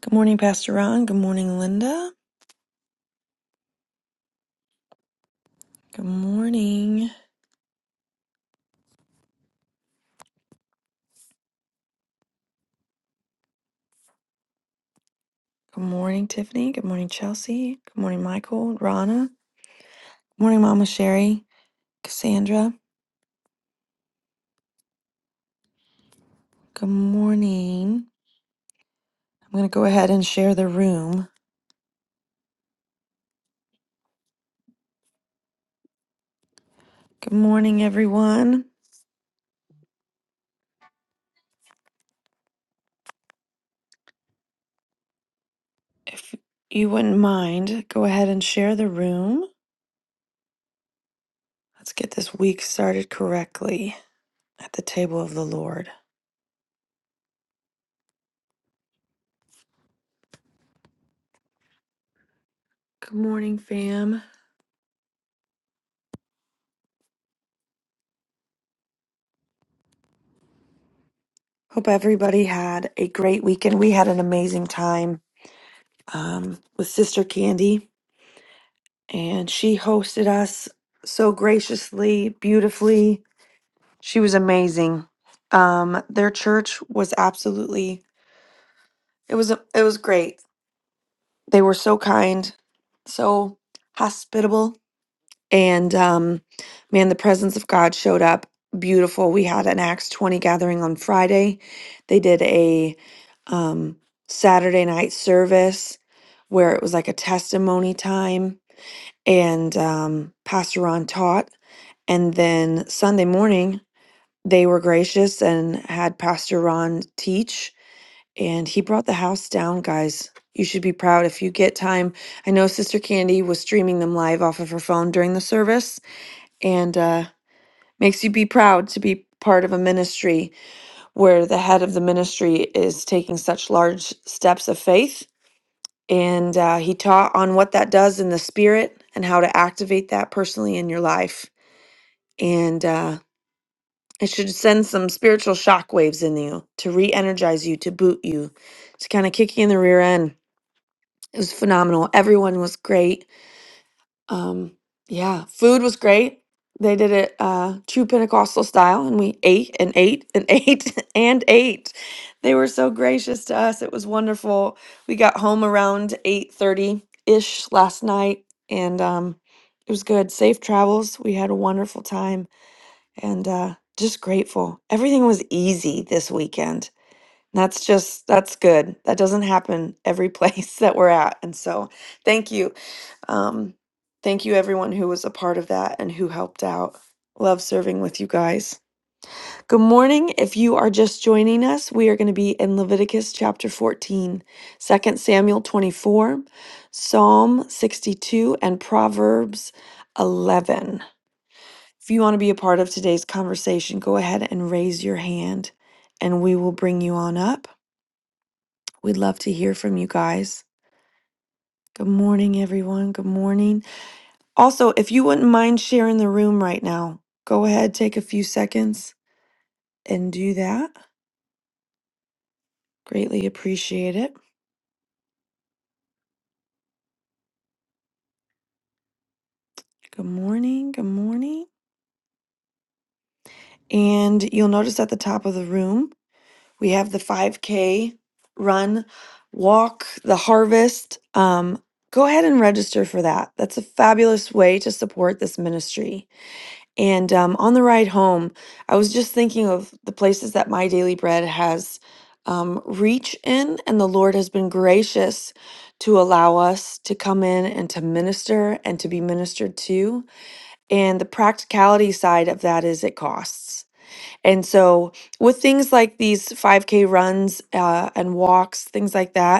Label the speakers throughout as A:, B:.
A: Good morning, Pastor Ron. Good morning, Linda. Good morning. Good morning, Tiffany. Good morning, Chelsea. Good morning, Michael, Rana. Good morning, Mama Sherry, Cassandra. Good morning. I'm going to go ahead and share the room. Good morning, everyone. If you wouldn't mind, go ahead and share the room. Let's get this week started correctly at the table of the Lord. Good morning, fam. Hope everybody had a great weekend. We had an amazing time um, with Sister Candy, and she hosted us so graciously, beautifully. She was amazing. Um, their church was absolutely it was it was great. They were so kind, so hospitable, and um, man, the presence of God showed up beautiful. We had an Acts twenty gathering on Friday. They did a um, Saturday night service where it was like a testimony time and um, Pastor Ron taught. And then Sunday morning, they were gracious and had Pastor Ron teach, and he brought the house down, guys. You should be proud if you get time. I know Sister Candy was streaming them live off of her phone during the service, and uh, makes you be proud to be part of a ministry where the head of the ministry is taking such large steps of faith. And uh, he taught on what that does in the spirit and how to activate that personally in your life. and uh, it should send some spiritual shockwaves in you to re energize you, to boot you, to kind of kick you in the rear end. It was phenomenal. Everyone was great. Um, yeah, food was great. They did it uh, true Pentecostal style, and we ate and ate and ate and ate. They were so gracious to us. It was wonderful. We got home around eight thirty ish last night, and um, it was good. Safe travels. We had a wonderful time and uh, just grateful. Everything was easy this weekend. And That's just that's good. That doesn't happen every place that we're at, and so thank you, um, thank you everyone who was a part of that and who helped out. Love serving with you guys. Good morning. If you are just joining us, we are going to be in Leviticus chapter 14, Second Samuel 24, Psalm 62, and Proverbs 11. If you want to be a part of today's conversation, go ahead and raise your hand and we will bring you on up. We'd love to hear from you guys. Good morning, everyone. Good morning. Also, if you wouldn't mind sharing the room right now, go ahead, take a few seconds and do that. Greatly appreciate it. Good morning. Good morning. And you'll notice at the top of the room, We have the 5K run, walk, the harvest. Um, go ahead and register for that. That's a fabulous way to support this ministry. And um, on the ride home, I was just thinking of the places that My Daily Bread has um, reach in, and the Lord has been gracious to allow us to come in and to minister and to be ministered to. And the practicality side of that is it costs. And so, with things like these 5K runs uh, and walks, things like that,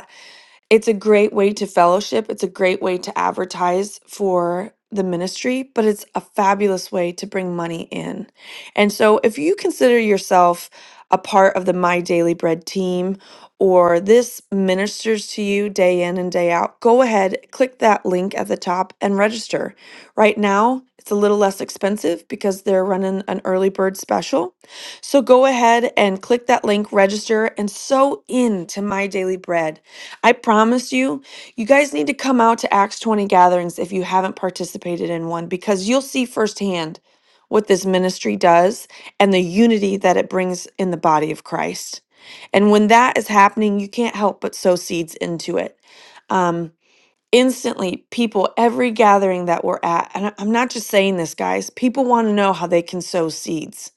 A: it's a great way to fellowship. It's a great way to advertise for the ministry, but it's a fabulous way to bring money in. And so if you consider yourself a part of the My Daily Bread team or this ministers to you day in and day out, go ahead, click that link at the top and register. Right now, it's a little less expensive because they're running an early bird special. So go ahead and click that link, register, and sew in to My Daily Bread I promise you, you guys need to come out to Acts 20 gatherings if you haven't participated in one because you'll see firsthand what this ministry does and the unity that it brings in the body of Christ. And when that is happening, you can't help but sow seeds into it. Um, instantly, people, every gathering that we're at, and I- I'm not just saying this, guys, people want to know how they can sow seeds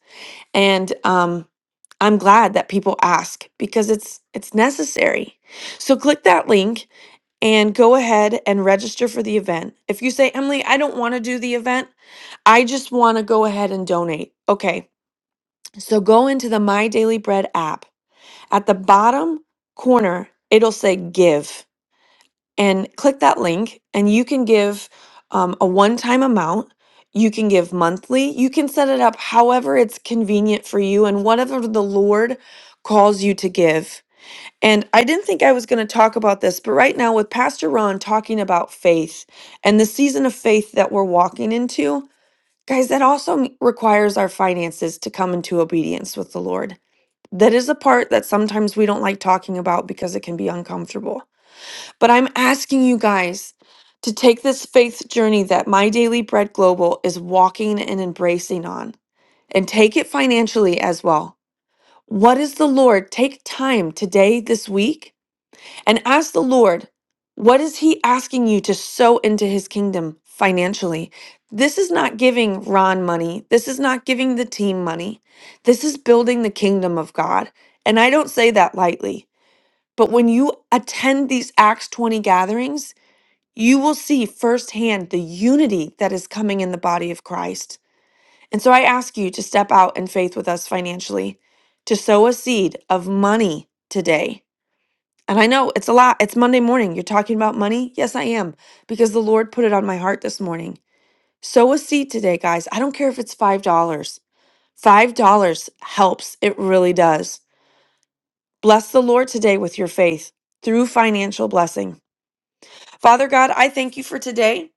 A: and um, i'm glad that people ask because it's it's necessary so click that link and go ahead and register for the event if you say emily i don't want to do the event i just want to go ahead and donate okay so go into the my daily bread app at the bottom corner it'll say give and click that link and you can give um, a one-time amount you can give monthly you can set it up however it's convenient for you and whatever the lord calls you to give and i didn't think i was going to talk about this but right now with pastor ron talking about faith and the season of faith that we're walking into guys that also m- requires our finances to come into obedience with the lord that is a part that sometimes we don't like talking about because it can be uncomfortable but I'm asking you guys to take this faith journey that My Daily Bread Global is walking and embracing on and take it financially as well. What is the Lord? Take time today, this week, and ask the Lord, what is He asking you to sow into His kingdom financially? This is not giving Ron money. This is not giving the team money. This is building the kingdom of God. And I don't say that lightly. But when you attend these Acts 20 gatherings, you will see firsthand the unity that is coming in the body of Christ. And so I ask you to step out in faith with us financially, to sow a seed of money today. And I know it's a lot. It's Monday morning. You're talking about money? Yes, I am, because the Lord put it on my heart this morning. Sow a seed today, guys. I don't care if it's $5. dollars. $5 helps. It really does. Bless the Lord today with your faith through financial blessing. Father God, I thank you for today.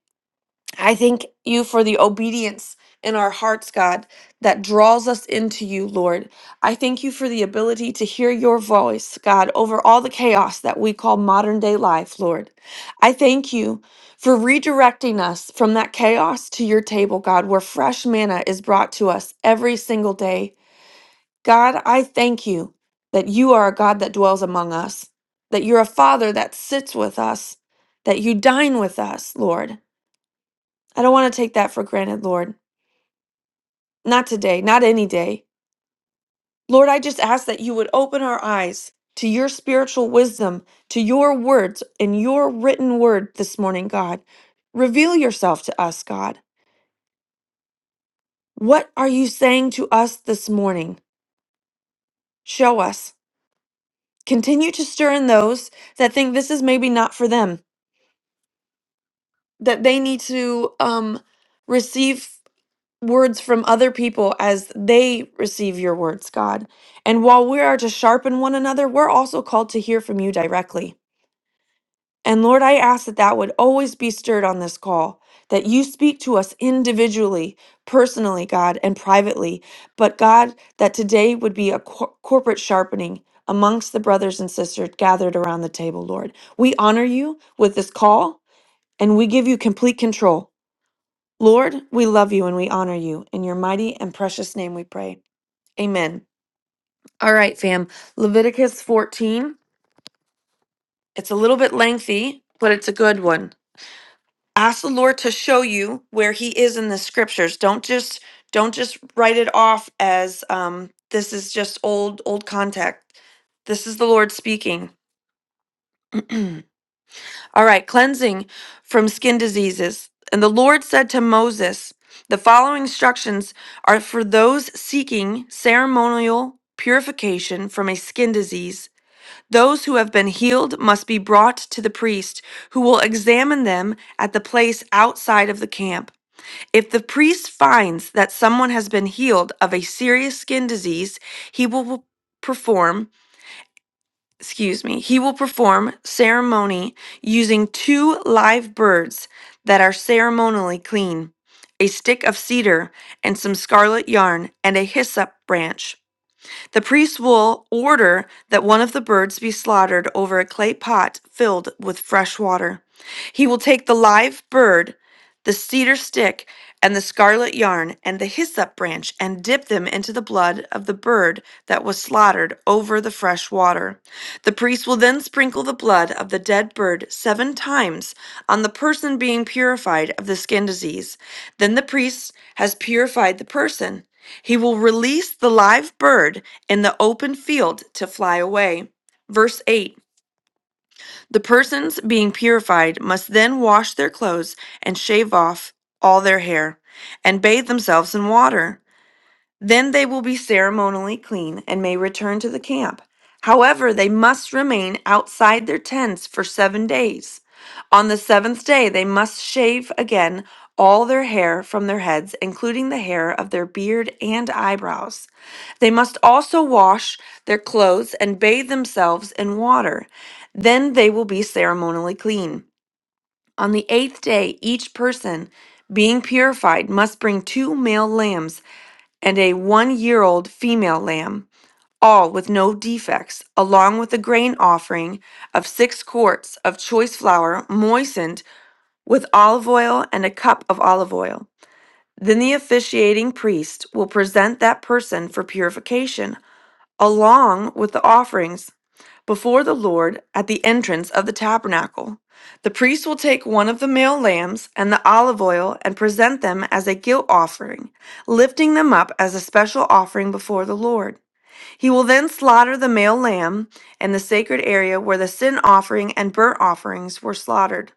A: I thank you for the obedience in our hearts, God, that draws us into you, Lord. I thank you for the ability to hear your voice, God, over all the chaos that we call modern day life, Lord. I thank you for redirecting us from that chaos to your table, God, where fresh manna is brought to us every single day. God, I thank you that you are a God that dwells among us, that you're a Father that sits with us, that you dine with us, Lord. I don't want to take that for granted, Lord. Not today, not any day. Lord, I just ask that you would open our eyes to your spiritual wisdom, to your words and your written word this morning, God. Reveal yourself to us, God. What are you saying to us this morning? Show us. Continue to stir in those that think this is maybe not for them, that they need to um, receive words from other people as they receive your words, God. And while we are to sharpen one another, we're also called to hear from you directly. And Lord, I ask that that would always be stirred on this call, that you speak to us individually, personally, God, and privately. But God, that today would be a cor- corporate sharpening amongst the brothers and sisters gathered around the table, Lord. We honor you with this call and we give you complete control. Lord, we love you and we honor you. In your mighty and precious name we pray. Amen. All right, fam. Leviticus 14. It's a little bit lengthy, but it's a good one. Ask the Lord to show you where he is in the scriptures. Don't just don't just write it off as um this is just old old contact. This is the Lord speaking. All right, cleansing from skin diseases. And the Lord said to Moses, The following instructions are for those seeking ceremonial purification from a skin disease. Those who have been healed must be brought to the priest, who will examine them at the place outside of the camp. If the priest finds that someone has been healed of a serious skin disease, he will perform excuse me, he will perform ceremony using two live birds that are ceremonially clean, a stick of cedar and some scarlet yarn, and a hyssop branch. The priest will order that one of the birds be slaughtered over a clay pot filled with fresh water. He will take the live bird, the cedar stick, and the scarlet yarn, and the hyssop branch, and dip them into the blood of the bird that was slaughtered over the fresh water. The priest will then sprinkle the blood of the dead bird seven times on the person being purified of the skin disease. Then the priest has purified the person. He will release the live bird in the open field to fly away. Verse 8 The persons being purified must then wash their clothes and shave off all their hair and bathe themselves in water. Then they will be ceremonially clean and may return to the camp. However, they must remain outside their tents for seven days. On the seventh day, they must shave again all their hair from their heads, including the hair of their beard and eyebrows. They must also wash their clothes and bathe themselves in water. Then they will be ceremonially clean. On the eighth day, each person, being purified, must bring two male lambs and a one year old female lamb, all with no defects, along with a grain offering of six quarts of choice flour moistened with olive oil and a cup of olive oil. Then the officiating priest will present that person for purification along with the offerings before the Lord at the entrance of the tabernacle. The priest will take one of the male lambs and the olive oil and present them as a guilt offering, lifting them up as a special offering before the Lord. He will then slaughter the male lamb in the sacred area where the sin offering and burnt offerings were slaughtered.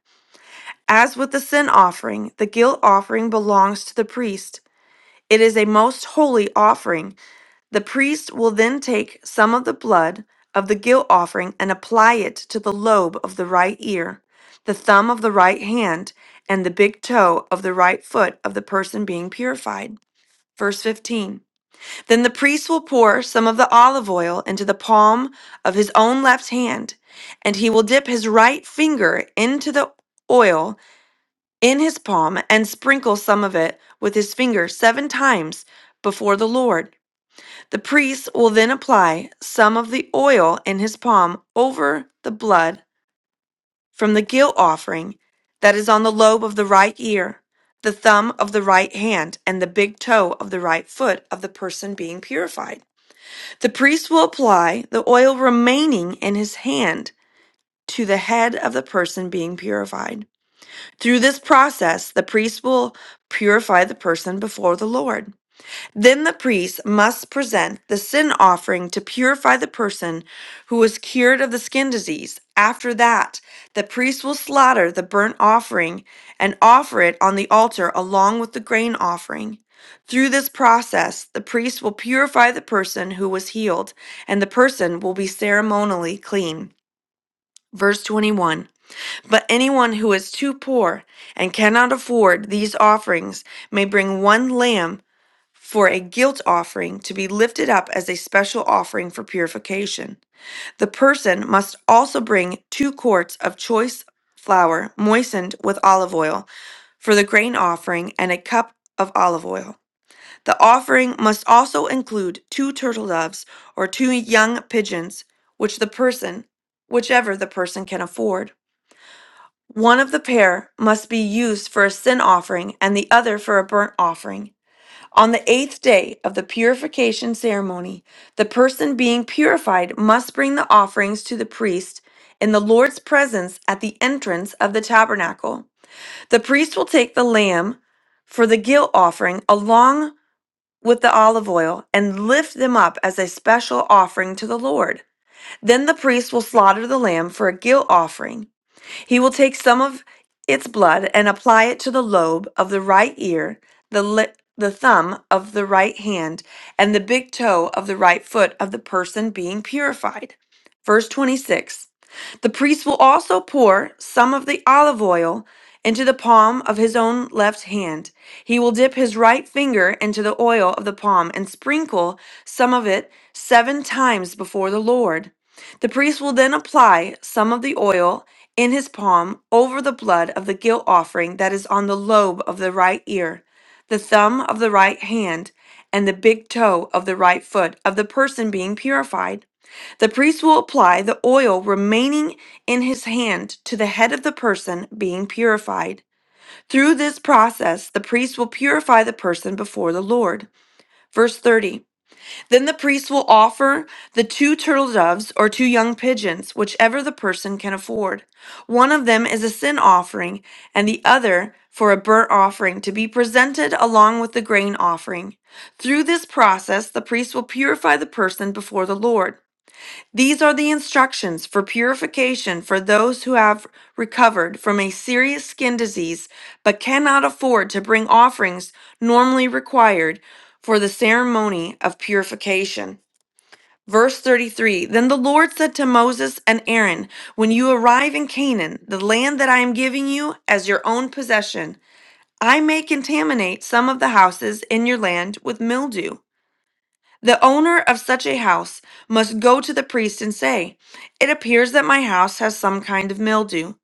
A: As with the sin offering, the guilt offering belongs to the priest. It is a most holy offering the priest will then take some of the blood of the guilt offering and apply it to the lobe of the right ear, the thumb of the right hand, and the big toe of the right foot of the person being purified. Verse 15. Then the priest will pour some of the olive oil into the palm of his own left hand, and he will dip his right finger into the oil in his palm and sprinkle some of it with his finger seven times before the Lord. The priest will then apply some of the oil in his palm over the blood from the guilt offering that is on the lobe of the right ear, the thumb of the right hand, and the big toe of the right foot of the person being purified. The priest will apply the oil remaining in his hand to the head of the person being purified. Through this process, the priest will purify the person before the Lord. Then the priest must present the sin offering to purify the person who was cured of the skin disease. After that, the priest will slaughter the burnt offering and offer it on the altar along with the grain offering. Through this process, the priest will purify the person who was healed, and the person will be ceremonially clean. Verse 21 But anyone who is too poor and cannot afford these offerings may bring one lamb for a guilt offering to be lifted up as a special offering for purification. The person must also bring two quarts of choice flour moistened with olive oil for the grain offering and a cup of olive oil. The offering must also include two turtle doves or two young pigeons, which the person, whichever the person can afford. One of the pair must be used for a sin offering and the other for a burnt offering. On the eighth day of the purification ceremony, the person being purified must bring the offerings to the priest in the Lord's presence at the entrance of the tabernacle. The priest will take the lamb for the guilt offering along with the olive oil and lift them up as a special offering to the Lord. Then the priest will slaughter the lamb for a guilt offering he will take some of its blood and apply it to the lobe of the right ear, the, li- the thumb of the right hand, and the big toe of the right foot of the person being purified. Verse 26 The priest will also pour some of the olive oil into the palm of his own left hand. He will dip his right finger into the oil of the palm and sprinkle some of it seven times before the Lord. The priest will then apply some of the oil in his palm over the blood of the guilt offering that is on the lobe of the right ear, the thumb of the right hand, and the big toe of the right foot of the person being purified. The priest will apply the oil remaining in his hand to the head of the person being purified. Through this process, the priest will purify the person before the Lord. Verse 30. Then the priest will offer the two turtle doves or two young pigeons, whichever the person can afford. One of them is a sin offering, and the other for a burnt offering to be presented along with the grain offering. Through this process, the priest will purify the person before the Lord. These are the instructions for purification for those who have recovered from a serious skin disease but cannot afford to bring offerings normally required for the ceremony of purification. Verse 33 Then the Lord said to Moses and Aaron, When you arrive in Canaan, the land that I am giving you as your own possession, I may contaminate some of the houses in your land with mildew. The owner of such a house must go to the priest and say, It appears that my house has some kind of mildew.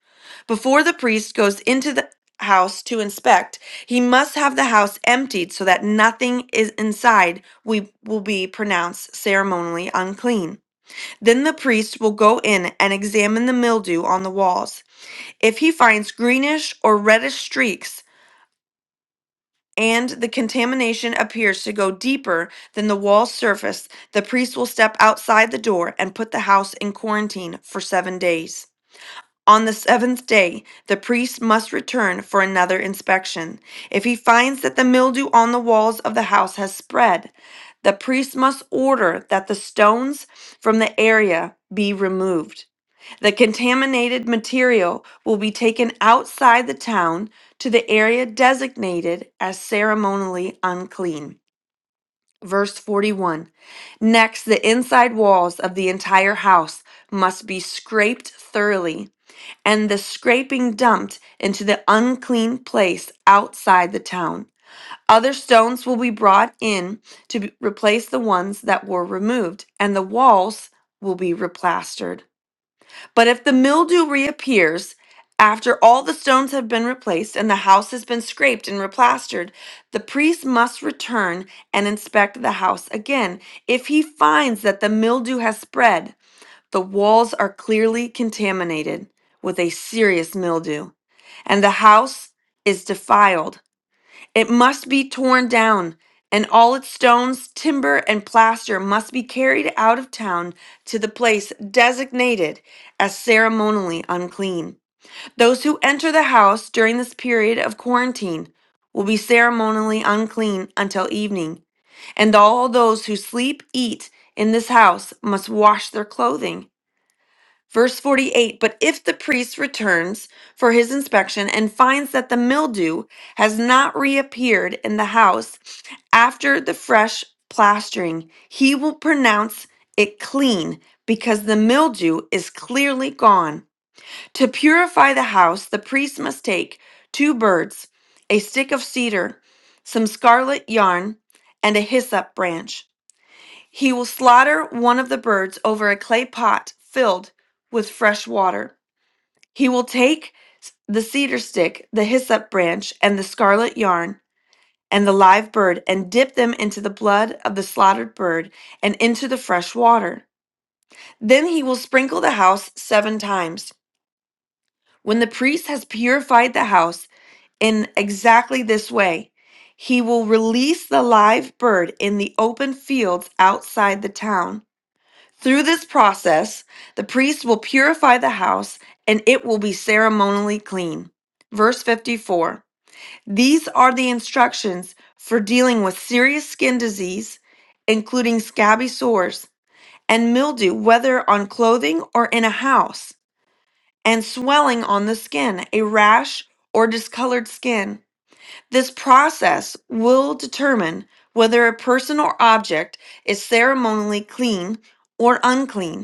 A: Before the priest goes into the house to inspect, he must have the house emptied so that nothing is inside we will be pronounced ceremonially unclean. Then the priest will go in and examine the mildew on the walls. If he finds greenish or reddish streaks, and the contamination appears to go deeper than the wall surface, the priest will step outside the door and put the house in quarantine for seven days. On the seventh day, the priest must return for another inspection. If he finds that the mildew on the walls of the house has spread, the priest must order that the stones from the area be removed. The contaminated material will be taken outside the town to the area designated as ceremonially unclean. Verse 41 Next, the inside walls of the entire house must be scraped thoroughly, and the scraping dumped into the unclean place outside the town. Other stones will be brought in to be- replace the ones that were removed, and the walls will be replastered. But if the mildew reappears after all the stones have been replaced and the house has been scraped and replastered, the priest must return and inspect the house again. If he finds that the mildew has spread, the walls are clearly contaminated with a serious mildew, and the house is defiled it must be torn down, and all its stones, timber, and plaster must be carried out of town to the place designated as ceremonially unclean. Those who enter the house during this period of quarantine will be ceremonially unclean until evening, and all those who sleep, eat in this house must wash their clothing. Verse 48 But if the priest returns for his inspection and finds that the mildew has not reappeared in the house after the fresh plastering, he will pronounce it clean because the mildew is clearly gone. To purify the house, the priest must take two birds, a stick of cedar, some scarlet yarn, and a hyssop branch. He will slaughter one of the birds over a clay pot filled with fresh water. He will take the cedar stick, the hyssop branch, and the scarlet yarn, and the live bird, and dip them into the blood of the slaughtered bird and into the fresh water. Then he will sprinkle the house seven times. When the priest has purified the house in exactly this way, he will release the live bird in the open fields outside the town. Through this process, the priest will purify the house and it will be ceremonially clean. Verse 54 These are the instructions for dealing with serious skin disease, including scabby sores and mildew, whether on clothing or in a house, and swelling on the skin, a rash, or discolored skin. This process will determine whether a person or object is ceremonially clean or unclean.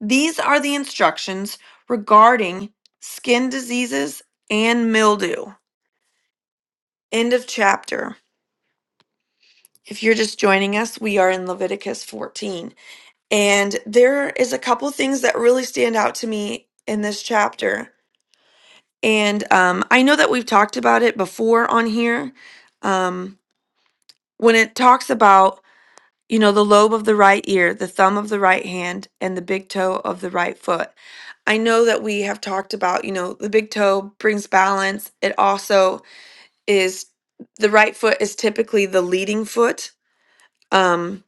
A: These are the instructions regarding skin diseases and mildew. End of chapter. If you're just joining us, we are in Leviticus 14. And there is a couple things that really stand out to me in this chapter. And um, I know that we've talked about it before on here. Um, when it talks about you know, the lobe of the right ear, the thumb of the right hand, and the big toe of the right foot. I know that we have talked about, you know, the big toe brings balance. It also is the right foot is typically the leading foot. Um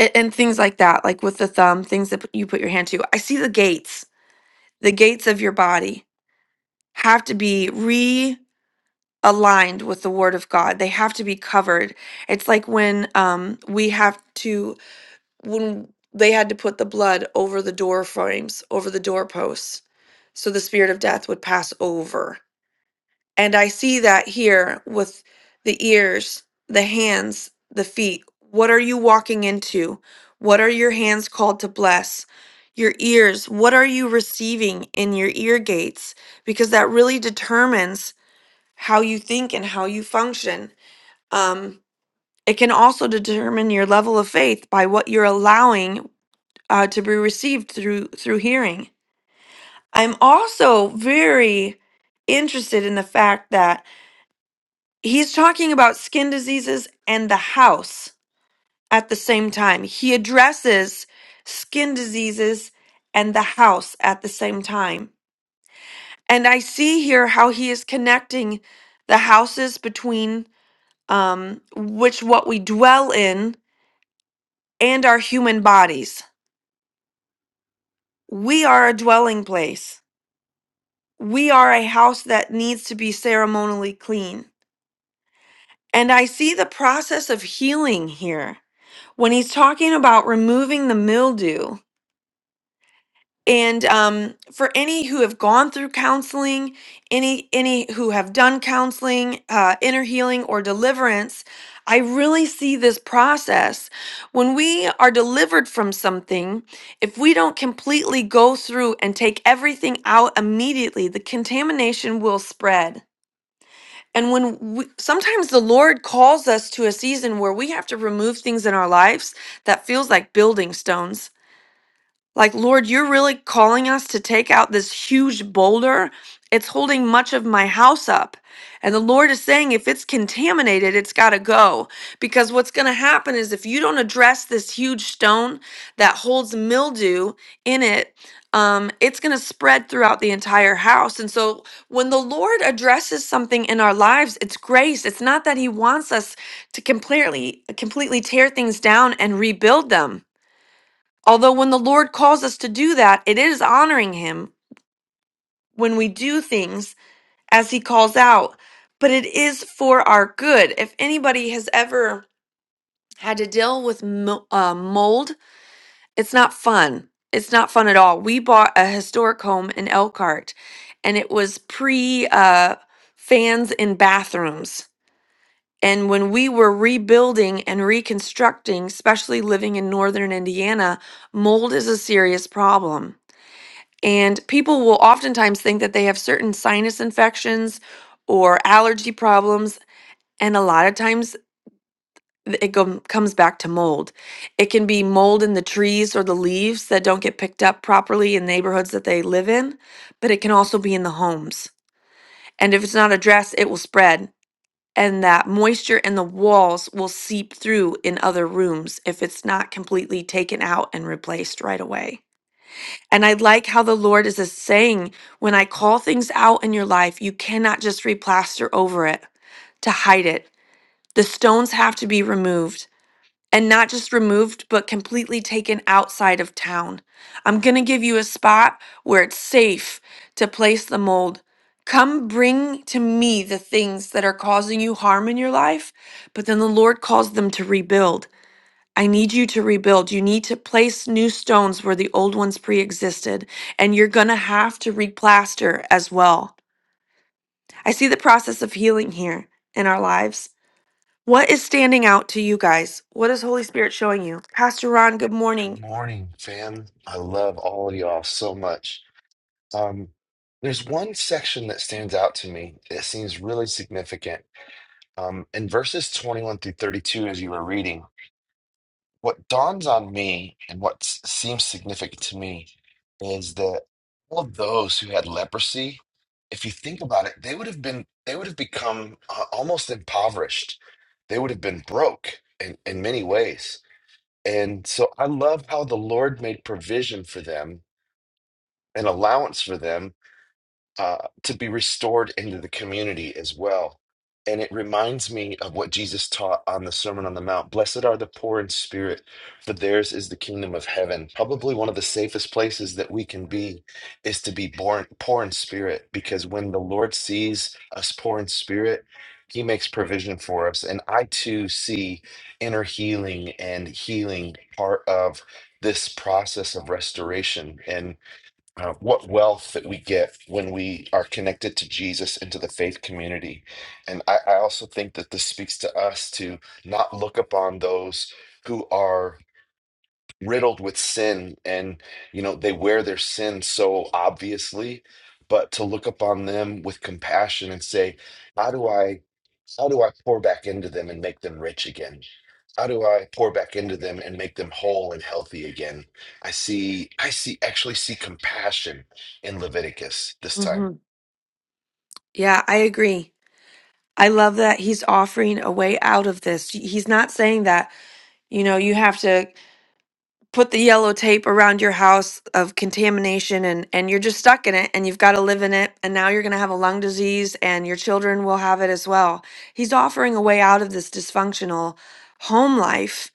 A: a- and, things like that, like with the thumb, things that you put your hand to. I see the gates, the gates of your body have to be realigned with the word of God. They have to be covered. It's like when um, we have to when they had to put the blood over the door frames, over the doorposts, so the spirit of death would pass over. And I see that here with the ears, the hands, the feet. What are you walking into? What are your hands called to bless? Your ears, what are you receiving in your ear gates? Because that really determines how you think and how you function. Um, it can also determine your level of faith by what you're allowing uh, to be received through through hearing. I'm also very interested in the fact that he's talking about skin diseases and the house at the same time. He addresses skin diseases and the house at the same time. And I see here how he is connecting the houses between um, which what we dwell in and our human bodies. We are a dwelling place we are a house that needs to be ceremonially clean. And I see the process of healing here when he's talking about removing the mildew. And um, for any who have gone through counseling, any any who have done counseling, uh, inner healing or deliverance, I really see this process. When we are delivered from something, if we don't completely go through and take everything out immediately, the contamination will spread. And when we, sometimes the Lord calls us to a season where we have to remove things in our lives that feels like building stones like, Lord, you're really calling us to take out this huge boulder. It's holding much of my house up. And the Lord is saying, if it's contaminated, it's got to go. Because what's going to happen is if you don't address this huge stone that holds mildew in it, um, it's going to spread throughout the entire house. And so when the Lord addresses something in our lives, it's grace. It's not that He wants us to completely, completely tear things down and rebuild them Although, when the Lord calls us to do that, it is honoring Him when we do things as He calls out, but it is for our good. If anybody has ever had to deal with mo- uh, mold, it's not fun. It's not fun at all. We bought a historic home in Elkhart, and it was pre uh, fans in bathrooms. And when we were rebuilding and reconstructing, especially living in northern Indiana, mold is a serious problem And people will oftentimes think that they have certain sinus infections or allergy problems. And a lot of times th- it gom- comes back to mold. It can be mold in the trees or the leaves that don't get picked up properly in neighborhoods that they live in, but it can also be in the homes. And if it's not addressed, it will spread. And that moisture in the walls will seep through in other rooms if it's not completely taken out and replaced right away. And I like how the Lord is just saying, when I call things out in your life, you cannot just replaster over it to hide it. The stones have to be removed and not just removed, but completely taken outside of town. I'm going to give you a spot where it's safe to place the mold. Come bring to me the things that are causing you harm in your life, but then the Lord calls them to rebuild. I need you to rebuild. You need to place new stones where the old ones pre existed, and you're going to have to replaster as well. I see the process of healing here in our lives. What is standing out to you guys? What is Holy Spirit showing you? Pastor Ron, good
B: Good
A: morning.
B: morning, fam. I love all of y'all so much. Um, there's one section that stands out to me that seems really significant. Um, in verses 21 through 32, as you were reading, what dawns on me and what s- seems significant to me is that all of those who had leprosy, if you think about it, they would have been they would have become uh, almost impoverished. They would have been broke in, in many ways and so I love how the Lord made provision for them, an allowance for them uh, to be restored into the community as well. And it reminds me of what Jesus taught on the Sermon on the Mount. Blessed are the poor in spirit, for theirs is the kingdom of heaven. Probably one of the safest places that we can be is to be born poor in spirit, because when the Lord sees us poor in spirit, he makes provision for us. And I too see inner healing and healing part of this process of restoration. and uh, what wealth that we get when we are connected to Jesus and to the faith community. And I, I also think that this speaks to us to not look upon those who are riddled with sin and you know they wear their sin so obviously but to look upon them with compassion and say how do i how do i pour back into them and make them rich again how do i pour back into them and make them whole and healthy again i see i see actually see compassion in leviticus this time
A: hmm Yeah, I agree. I love that he's offering a way out of this. He's not saying that, you know, you have to. put the yellow tape around your house of contamination and and you're just stuck in it and you've got to live in it and now you're going to have a lung disease and your children will have it as well he's offering a way out of this dysfunctional home life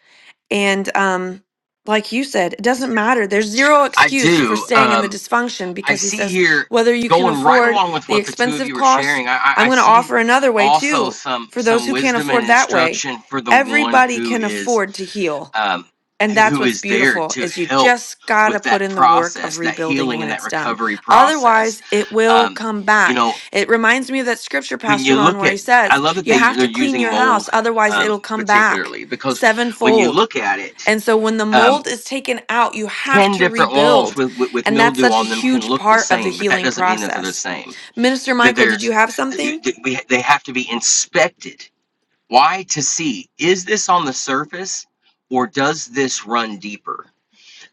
A: and um like you said it doesn't matter there's zero
C: I
A: excuse for
C: do.
A: staying in the
C: Um,
A: dysfunction
C: I
A: because he
C: see
A: says
C: here
A: whether you can
C: going right
A: afford
C: along with
A: the
C: what the two of
A: expensive
C: you are
A: cost
C: sharing. I, I,
A: i'm
C: I
A: going to
C: see
A: offer another way
C: also
A: too
C: some
A: for those
C: some
A: who can't
C: wisdom and
A: afford that way
C: instruction for the one
A: everybody
C: who
A: can
C: is
A: afford to heal
C: um,
A: and
C: who,
A: that's
C: who
A: what's
C: is there
A: beautiful
C: to
A: is you
C: help
A: just got to
C: with
A: put
C: that
A: in the work of
C: process, that
A: rebuilding
C: healing
A: when
C: and that
A: it's done.
C: recovery process.
A: Otherwise, it will
C: Um,
A: come
C: you
A: back.
C: know,
A: It reminds me of that scripture
C: when
A: Pastor
C: you
A: Ron
C: look
A: where
C: at,
A: he
C: I
A: says,
C: love that
A: "You
C: they
A: have
C: they're
A: to clean
C: using
A: your
C: mold
A: house, otherwise
C: um,
A: it'll come back
C: particularly because when you
A: sevenfold."
C: look at it.
A: And so when the
C: Um,
A: mold is taken out, you have
C: 10
A: to
C: different walls
A: rebuild.
C: with, with, with
A: And that's
C: mildew
A: such a
C: on them can
A: huge
C: look the
A: part of the
C: same, but that
A: healing
C: doesn't mean that they're the
A: process.
C: same.
A: Minister
C: That
A: Michael, did you
C: there's,
A: have something?
C: that we, they have to be inspected. Why? To see, is this on the surface or does this run deeper?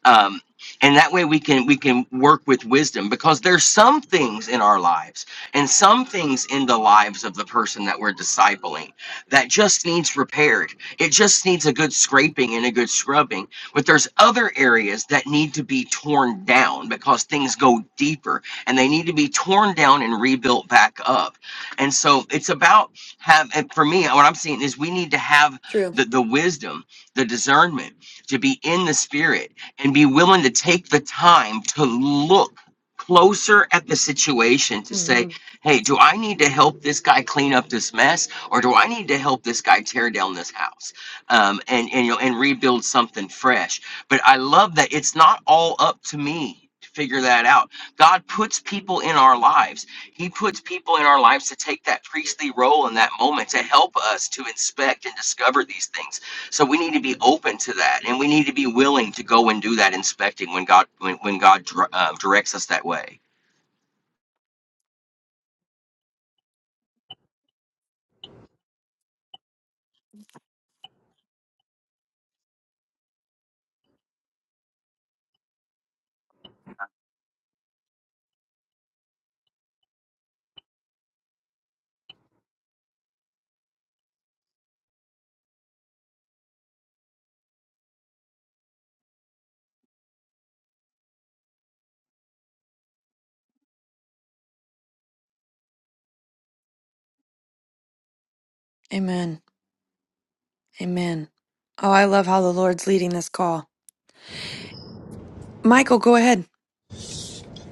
C: um, and that way we can we can work with wisdom because there's some things in our lives and some things in the lives of the person that we're discipling that just needs repaired it just needs a good scraping and a good scrubbing but there's other areas that need to be torn down because things go deeper and they need to be torn down and rebuilt back up and so it's about have and for me what i'm seeing is we need to have
A: True.
C: the, the wisdom the discernment to be in the spirit and be willing to take the time to look closer at the situation to say,
A: hmm
C: hey, do I need to help this guy clean up this mess or do I need to help this guy tear down this house um, and, and, you know, and rebuild something fresh? But I love that it's not all up to me to figure that out. God puts people in our lives. He puts people in our lives to take that priestly role in that moment to help us to inspect and discover these things so we need to be open to that, and we need to be willing to go and do that inspecting when God when, when God uh, directs us that way.
A: Amen. Amen. Oh, I love how the Lord's leading this call. Michael, go ahead.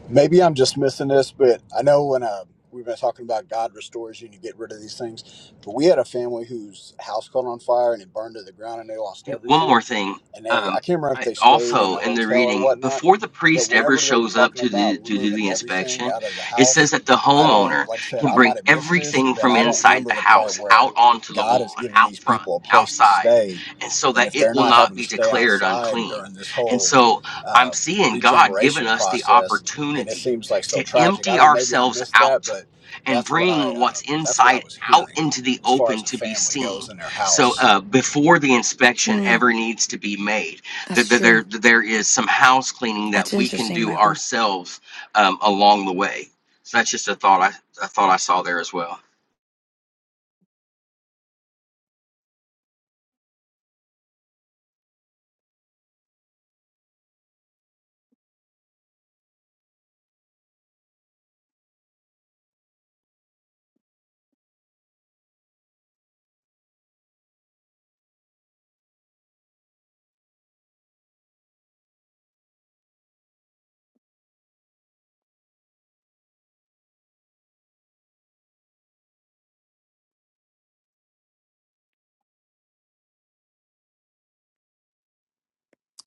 D: maybe I'm just missing this, but I know when uh, we've been talking about God restores you and you get rid of these things, but we had a family whose house caught on fire and it burned to the ground and they lost
C: Hey, One more
D: everything.
C: thing.
D: And they, I
C: Um,
D: can't remember if
C: I,
D: they stayed in
C: also
D: a
C: in the
D: hotel or
C: reading,
D: whatnot,
C: before the
D: but
C: priest ever
D: whenever they were
C: shows up
D: talking
C: to the
D: about
C: to do
D: removing
C: the
D: everything
C: inspection,
D: out of the
C: it says
D: house,
C: that the
D: I don't,
C: homeowner
D: like I said,
C: can
D: I
C: bring
D: might have missed this,
C: everything
D: but
C: from
D: I don't
C: inside
D: remember
C: the
D: the part
C: house out
D: where
C: onto the
D: God has
C: lawn,
D: given
C: out
D: these
C: front,
D: people a place to
C: outside,
D: stay.
C: and so
D: And
C: that
D: if
C: it
D: they're
C: will
D: not
C: not
D: having to
C: be
D: stay
C: declared
D: outside
C: unclean.
D: during this
C: And
D: whole
C: so I'm
D: uh,
C: seeing God giving
D: regeneration
C: us the
D: process, and it
C: opportunity
D: seems like so
C: to
D: tragic. I
C: empty
D: don't know, maybe I
C: ourselves
D: missed that,
C: out
D: but
C: and
D: that's what I
C: bring
D: uh,
C: what's
D: that's what I
C: inside
D: was
C: out
D: hearing
C: into the
D: as far as
C: open
D: a
C: to be
D: family goes
C: seen
D: in their
C: so
D: house
C: uh, before the inspection
A: Hmm,
C: ever needs to be made, that
A: that's
C: that
A: true.
C: there there is some house cleaning
A: That's
C: that we can
A: interesting,
C: do
A: Michael.
C: ourselves um, along the way. So that's just a thought I a thought I saw there as well.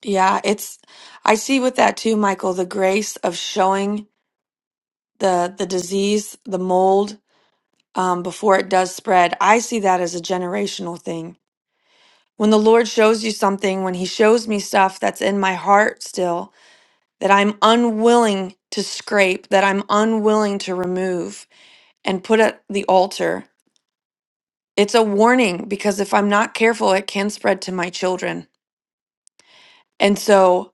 A: Yeah, it's I see with that too, Michael, the grace of showing the the disease, the mold, um, before it does spread. I see that as a generational thing. When the Lord shows you something, when he shows me stuff that's in my heart still, that I'm unwilling to scrape, that I'm unwilling to remove and put at the altar. It's a warning because if I'm not careful, it can spread to my children. And so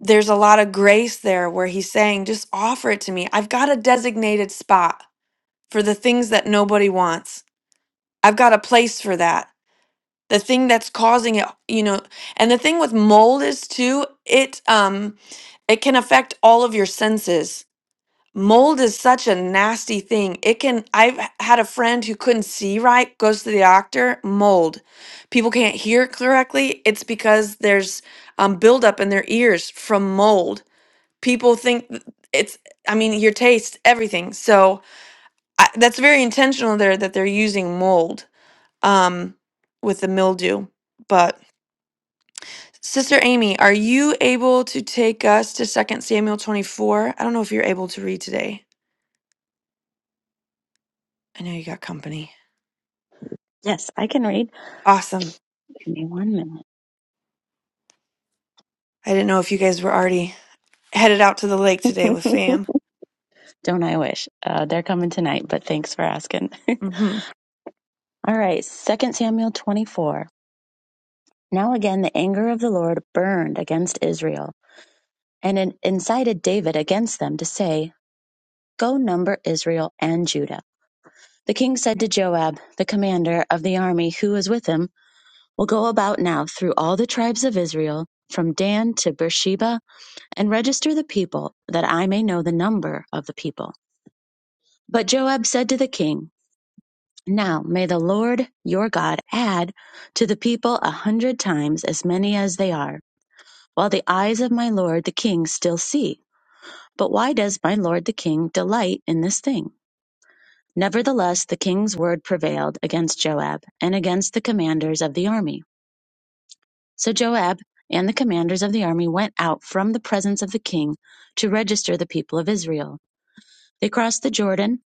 A: there's a lot of grace there where he's saying, just offer it to me. I've got a designated spot for the things that nobody wants, I've got a place for that. The thing that's causing it, you know, and the thing with mold is too, it um it can affect all of your senses mold is such a nasty thing. It can, I've h- had a friend who couldn't see right, goes to the doctor, mold. People can't hear correctly. It's because there's um, buildup in their ears from mold. People think th- it's, I mean, your taste, everything. So I, that's very intentional there that they're using mold um, with the mildew. But Sister Amy, are you able to take us to Second Samuel 24? I don't know if you're able to read today. I know you got company.
E: Yes, I can read.
A: Awesome.
E: Give me one minute.
A: I didn't know if you guys were already headed out to the lake today with fam.
E: Don't I wish? Uh, they're coming tonight, but thanks for asking. All
A: Mm-hmm.
E: right, right, Second Samuel 24. Now again, the anger of the Lord burned against Israel, and it incited David against them to say, Go number Israel and Judah. The king said to Joab, the commander of the army who was with him, We'll go about now through all the tribes of Israel, from Dan to Beersheba, and register the people, that I may know the number of the people. But Joab said to the king, Now may the Lord your God add to the people a hundred times as many as they are, while the eyes of my Lord the king still see. But why does my Lord the king delight in this thing? Nevertheless, the king's word prevailed against Joab and against the commanders of the army. So Joab and the commanders of the army went out from the presence of the king to register the people of Israel. They crossed the Jordan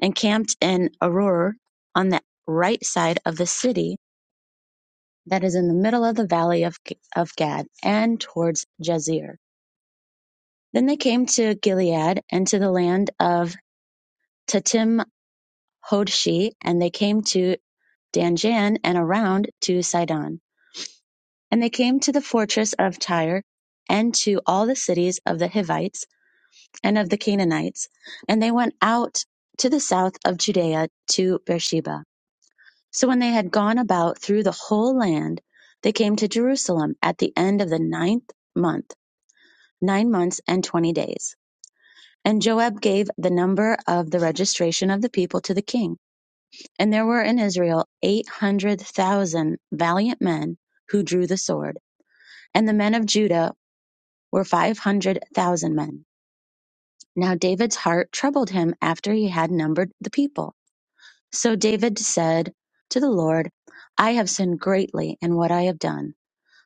E: and camped in Aror on the right side of the city that is in the middle of the valley of, of Gad, and towards Jazer. Then they came to Gilead and to the land of Tatim Hodshi, and they came to Danjan and around to Sidon. And they came to the fortress of Tyre and to all the cities of the Hivites and of the Canaanites. And they went out to the south of Judea to Beersheba. So when they had gone about through the whole land, they came to Jerusalem at the end of the ninth month nine months and twenty days. And Joab gave the number of the registration of the people to the king. And there were in Israel eight hundred thousand valiant men who drew the sword, and the men of Judah were five hundred thousand men. Now David's heart troubled him after he had numbered the people. So David said to the Lord, I have sinned greatly in what I have done.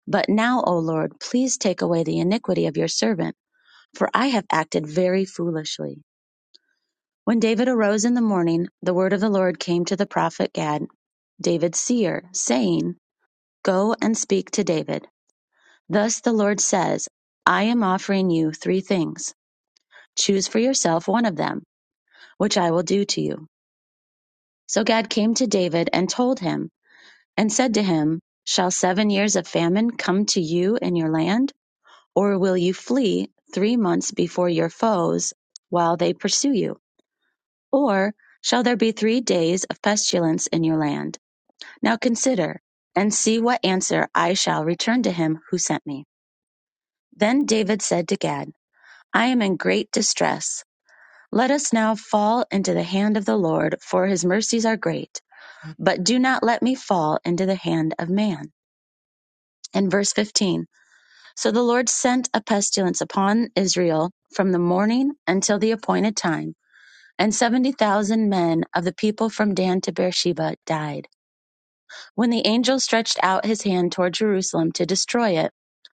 E: But now, O Lord, please take away the iniquity of your servant, for I have acted very foolishly. When David arose in the morning, the word of the Lord came to the prophet Gad, David's seer, saying, Go and speak to David. Thus the Lord says, I am offering you three things. Choose for yourself one of them, which I will do to you. So Gad came to David and told him, and said to him, Shall seven years of famine come to you in your land? Or will you flee three months before your foes while they pursue you? Or shall there be three days of pestilence in your land? Now consider, and see what answer I shall return to him who sent me. Then David said to Gad, I am in great distress. Let us now fall into the hand of the Lord, for his mercies are great. But do not let me fall into the hand of man. In verse 15 So the Lord sent a pestilence upon Israel from the morning until the appointed time, and 70,000 men of the people from Dan to Beersheba died. When the angel stretched out his hand toward Jerusalem to destroy it,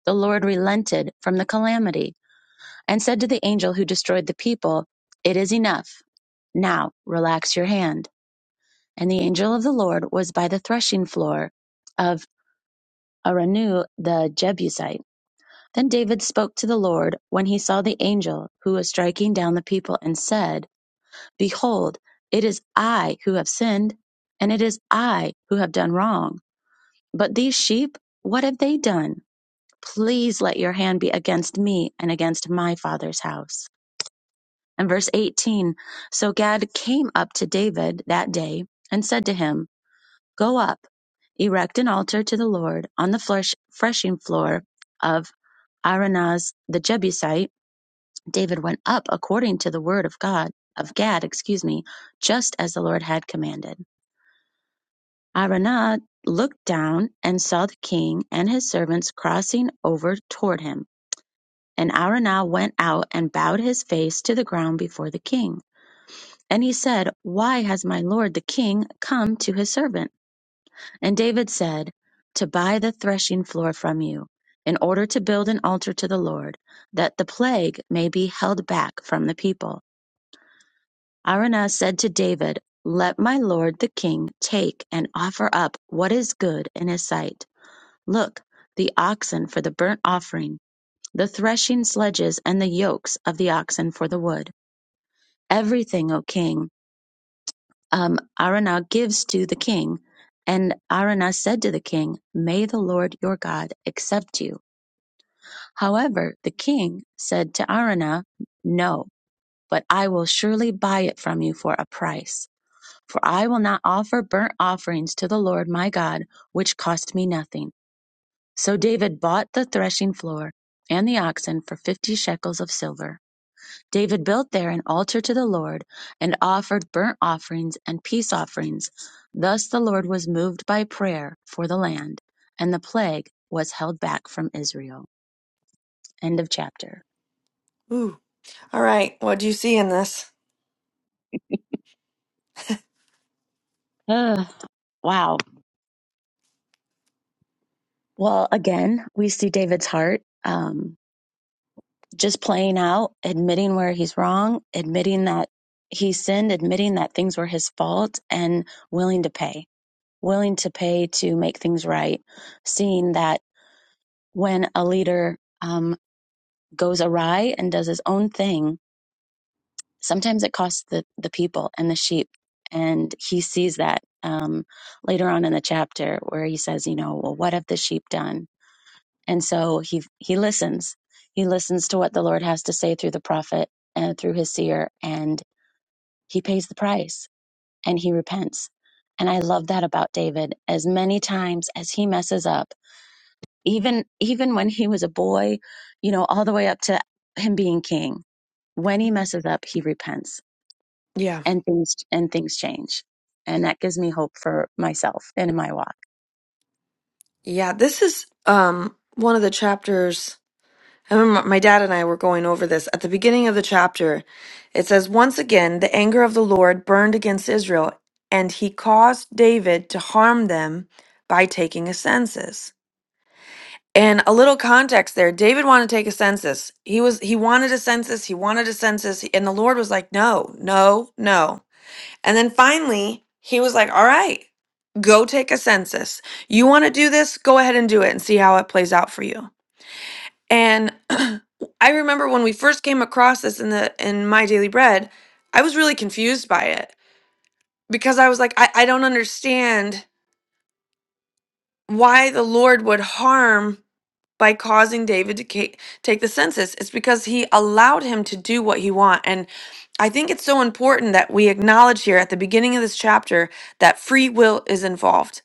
E: the Lord relented from the calamity and said to the angel who destroyed the people, It is enough. Now relax your hand. And the angel of the Lord was by the threshing floor of Araunah the Jebusite. Then David spoke to the Lord when he saw the angel who was striking down the people and said, Behold, it is I who have sinned, and it is I who have done wrong. But these sheep, what have they done? please let your hand be against me and against my father's house. And verse 18 So Gad came up to David that day and said to him, Go up, erect an altar to the Lord on the flesh, threshing floor of Aranaz the Jebusite. David went up according to the word of God, of Gad, excuse me, just as the Lord had commanded. Aranaz looked down and saw the king and his servants crossing over toward him. And Araunah went out and bowed his face to the ground before the king. And he said, Why has my lord the king come to his servant? And David said, To buy the threshing floor from you, in order to build an altar to the Lord, that the plague may be held back from the people. Araunah said to David, Let my lord the king take and offer up what is good in his sight. Look, the oxen for the burnt offering, the threshing sledges, and the yokes of the oxen for the wood. everything, O king, um, Araunah gives to the king. And Araunah said to the king, May the Lord your God accept you. However, the king said to Araunah, No, but I will surely buy it from you for a price. For I will not offer burnt offerings to the Lord my God, which cost me nothing. So David bought the threshing floor and the oxen for fifty shekels of silver. David built there an altar to the Lord, and offered burnt offerings and peace offerings. Thus the Lord was moved by prayer for the land, and the plague was held back from Israel. End of chapter.
A: Ooh. All right. What do you see in this?
E: Ugh, wow. Well, again, we see David's heart um, just playing out, admitting where he's wrong, admitting that he sinned, admitting that things were his fault, and willing to pay, willing to pay to make things right, seeing that when a leader um, goes awry and does his own thing, sometimes it costs the, the people and the sheep. And he sees that um, later on in the chapter where he says, you know, well, what have the sheep done? And so he he listens. He listens to what the Lord has to say through the prophet and through his seer, and he pays the price and he repents. And I love that about David. As many times as he messes up, Even even when he was a boy, you know, all the way up to him being king. When he messes up, he repents
A: Yeah.
E: and things and things change. And that gives me hope for myself and in my walk.
A: Yeah. This is um one of the chapters. I remember my dad and I were going over this at the beginning of the chapter. It says, Once again, the anger of the Lord burned against Israel, and he caused David to harm them by taking a census. And a little context there. David wanted to take a census. He was he wanted a census, he wanted a census, and the Lord was like, "No, no, no." And then finally, he was like, "All right, go take a census. You want to do this? Go ahead and do it and see how it plays out for you." And I remember when we first came across this in the in my daily bread, I was really confused by it because I was like, I, I don't understand why the Lord would harm by causing David to ca- take the census. It's because he allowed him to do what he want. And I think it's so important that we acknowledge here at the beginning of this chapter that free will is involved.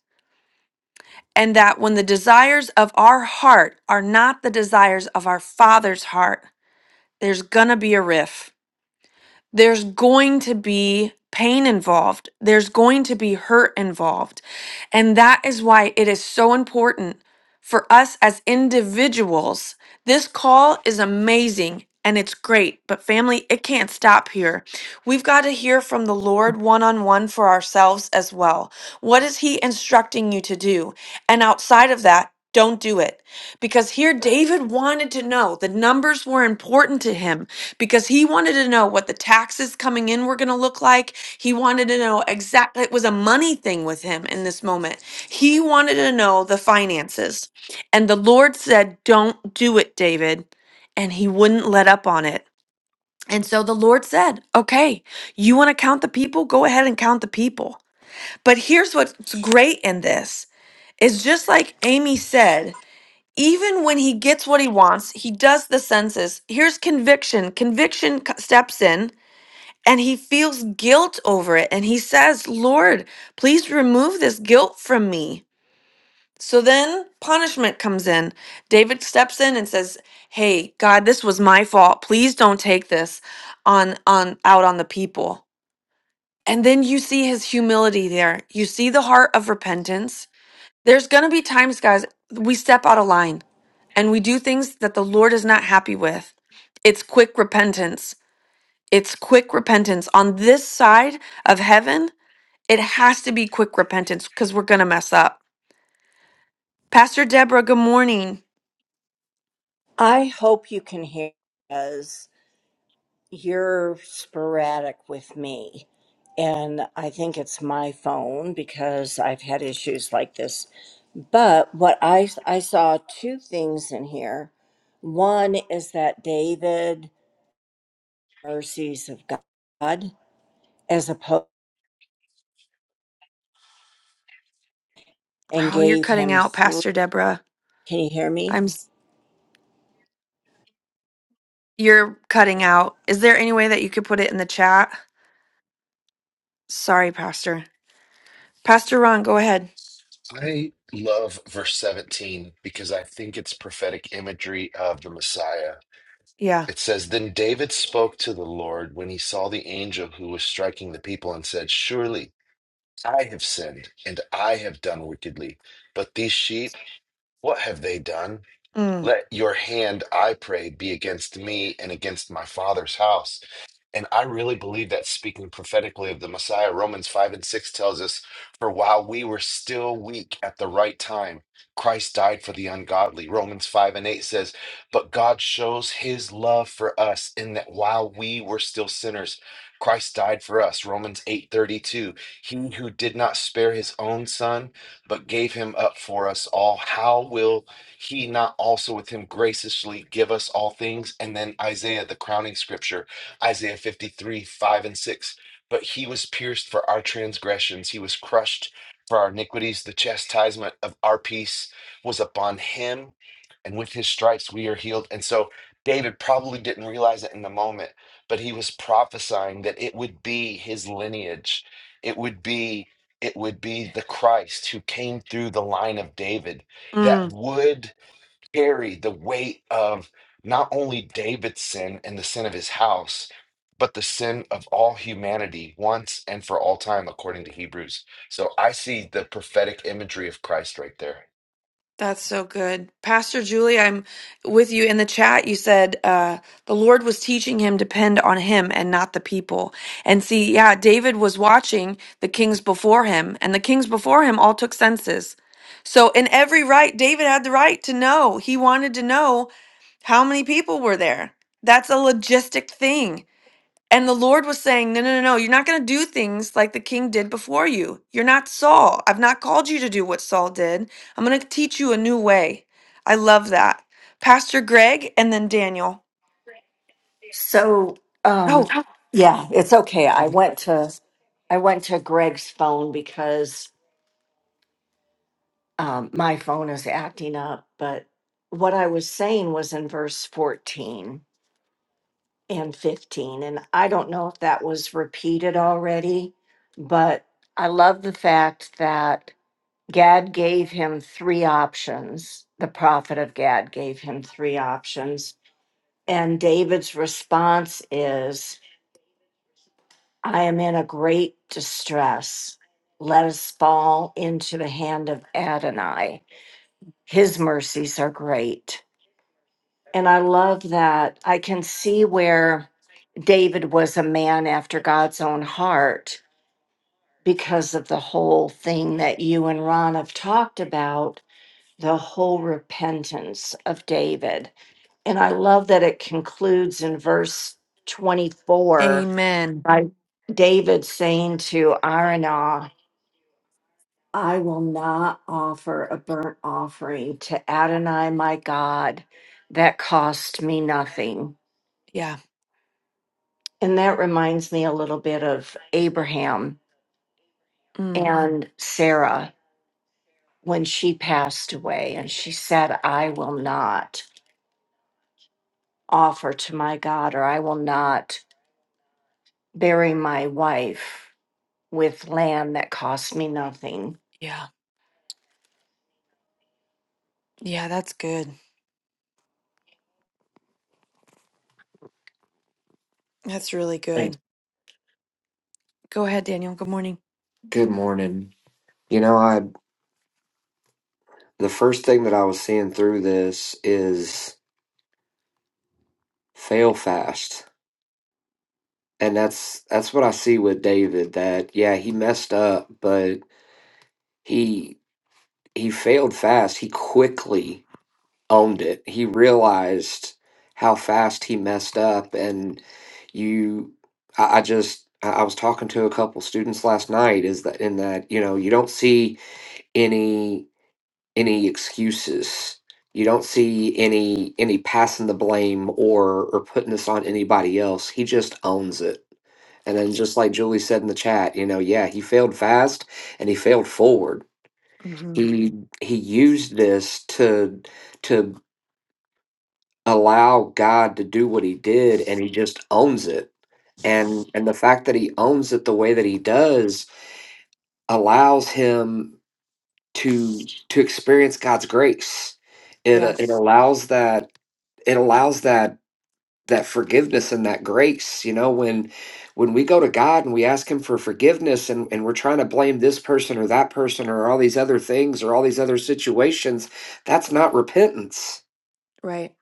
A: And that when the desires of our heart are not the desires of our father's heart, there's gonna be a rift there's going to be pain involved, there's going to be hurt involved. And that is why it is so important for us as individuals. This call is amazing. And it's great, but family, it can't stop here. We've got to hear from the Lord one on one for ourselves as well. What is He instructing you to do? And outside of that, don't do it. Because here, David wanted to know the numbers were important to him because he wanted to know what the taxes coming in were going to look like. He wanted to know exactly, it was a money thing with him in this moment. He wanted to know the finances. And the Lord said, Don't do it, David. And he wouldn't let up on it. And so the Lord said, Okay, you want to count the people? Go ahead and count the people. But here's what's great in this is just like Amy said, even when he gets what he wants, he does the census. Here's conviction. Conviction c- steps in and he feels guilt over it and he says, Lord, please remove this guilt from me. So then punishment comes in. David steps in and says, Hey, God, this was my fault. Please don't take this on, on out on the people. And then you see his humility there. You see the heart of repentance. There's gonna be times, guys, we step out of line and we do things that the Lord is not happy with. It's quick repentance it's quick repentance. On this side of heaven, it has to be quick repentance because we're going to mess up. Pastor Deborah, good morning.
F: I hope you can hear because you're sporadic with me. And I think it's my phone because I've had issues like this. But what I I saw two things in here. One is that David mercies of God as opposed and
A: Oh, you're
F: gave
A: cutting
F: him
A: out,
F: three.
A: Pastor Deborah.
F: Can you hear me?
A: I'm s- you're cutting out. Is there any way that you could put it in the chat? Sorry, Pastor. Pastor Ron, go ahead.
B: i love verse 17 because i think it's prophetic imagery of the messiah
A: Yeah.
B: It says, Then David spoke to the Lord when he saw the angel who was striking the people and said, Surely I have sinned and I have done wickedly. But these sheep, what have they done?
A: Mm,
B: Let your hand, I pray, be against me and against my father's house. And I really believe that speaking prophetically of the Messiah, Romans 5 and 6 tells us, For while we were still weak at the right time, Christ died for the ungodly. Romans 5 and 8 says, But God shows his love for us in that while we were still sinners, Christ died for us. Romans 8 32: He who did not spare his own son, but gave him up for us all, how will he not also with him graciously give us all things? And then Isaiah, the crowning scripture, Isaiah 53, 5 and 6. But he was pierced for our transgressions, he was crushed for our iniquities. The chastisement of our peace was upon him, and with his stripes we are healed. And so David probably didn't realize it in the moment, but he was prophesying that it would be his lineage. It would be it would be the Christ who came through the line of David
A: mm.
B: that would carry the weight of not only David's sin and the sin of his house, but the sin of all humanity once and for all time, according to Hebrews. So I see the prophetic imagery of Christ right there.
A: That's so good. Pastor Julie, I'm with you in the chat. You said uh, the Lord was teaching him depend on him and not the people. And see, yeah, David was watching the kings before him, and the kings before him all took census. So, in every right, David had the right to know. He wanted to know how many people were there. That's a logistic thing. And the Lord was saying, No, no, no, no, you're not going to do things like the king did before you. You're not Saul. I've not called you to do what Saul did. I'm going to teach you a new way. I love that. Pastor Greg and then Daniel.
G: So, um,
A: Oh,
G: yeah, it's okay. I went to I went to Greg's phone because um, my phone is acting up. But what I was saying was in verse fourteen and fifteen, and I don't know if that was repeated already, but I love the fact that Gad gave him three options. The prophet of Gad gave him three options, and David's response is. I am in a great distress. Let us fall into the hand of Adonai. His mercies are great. And I love that. I can see where David was a man after God's own heart because of the whole thing that you and Ron have talked about the whole repentance of David. And I love that it concludes in verse 24
A: amen.
G: by David saying to Aronah, I will not offer a burnt offering to Adonai my God that cost me nothing.
A: Yeah.
G: And that reminds me a little bit of Abraham
A: Mm,
G: and Sarah when she passed away and she said, I will not offer to my God or I will not bury my wife with land that cost me nothing.
A: yeah. Yeah, that's good. That's really
H: Hey,
A: good. Go ahead, Daniel. Good morning.
H: good morning. You know, I the first thing that I was seeing through this is fail fast. And that's that's what I see with David that yeah, he messed up, but he he failed fast. He quickly owned it. He realized how fast he messed up and you I, I just I I was talking to a couple students last night is that in that, you know, you don't see any any excuses. You don't see any any passing the blame or or putting this on anybody else. He just owns it. And then just like Julie said in the chat, you know, yeah, he failed fast and he failed forward.
A: hmm
H: He he used this to to allow God to do what he did and he just owns it. And and the fact that he owns it the way that he does allows him to to experience God's grace. It
A: Yeah,
H: it allows that it allows that that forgiveness and that grace you know when when we go to god and we ask him for forgiveness and, and we're trying to blame this person or that person or all these other things or all these other situations that's not repentance
A: right.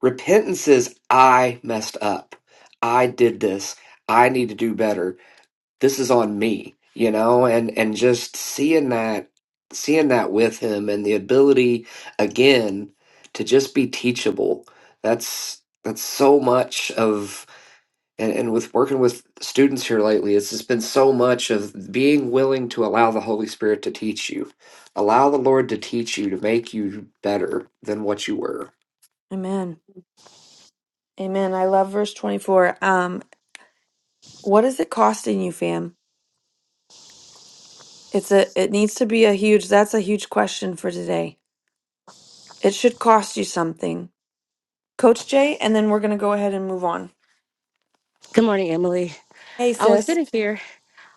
H: repentance is i messed up i did this i need to do better this is on me you know and and just seeing that seeing that with him and the ability again to just be teachable that's that's so much of and, and with working with students here lately it's just been so much of being willing to allow the holy spirit to teach you allow the lord to teach you to make you better than what you were
A: Amen. Amen. I love verse 24. Um, what is it costing you, fam? It's a it needs to be a huge that's a huge question for today It should cost you something. Coach Jay, and then we're going to go ahead and move on.
I: Good morning, Emily.
A: Hey,
I: I was
A: sis.
I: sitting here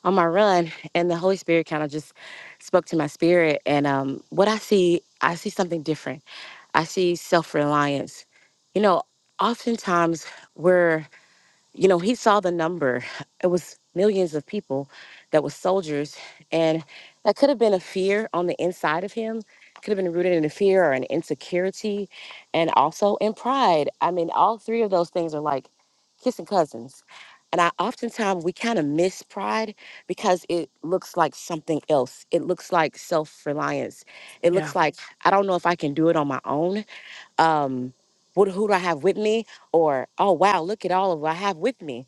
I: on my run, and the Holy Spirit kind of just spoke to my spirit. And um, what I see, I see something different. I see self reliance. You know, oftentimes we're you know, he saw the number. It was millions of people that was soldiers. And that could have been a fear on the inside of him, could have been rooted in a fear or an insecurity, and also in pride. I mean, all three of those things are like kissing cousins. And I oftentimes we kind of miss pride because it looks like something else. It looks like self reliance. It
A: Yeah.
I: looks like I don't know if I can do it on my own um what, who do I have with me? Or, oh, wow, look at all of what I have with me.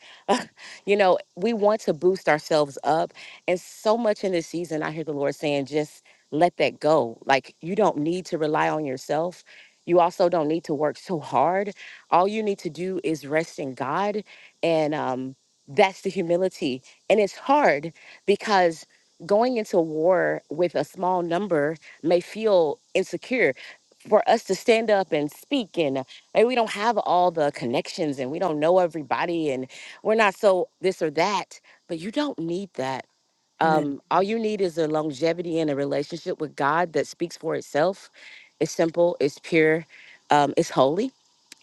I: You know, we want to boost ourselves up. And so much in this season, I hear the Lord saying, just let that go. Like, you don't need to rely on yourself. You also don't need to work so hard. All you need to do is rest in God. And um, that's the humility. And it's hard because going into war with a small number may feel insecure for us to stand up and speak and uh, maybe we don't have all the connections and we don't know everybody and we're not so this or that but you don't need that
A: Amen.
I: um, all you need is a longevity and a relationship with god that speaks for itself it's simple it's pure um, it's holy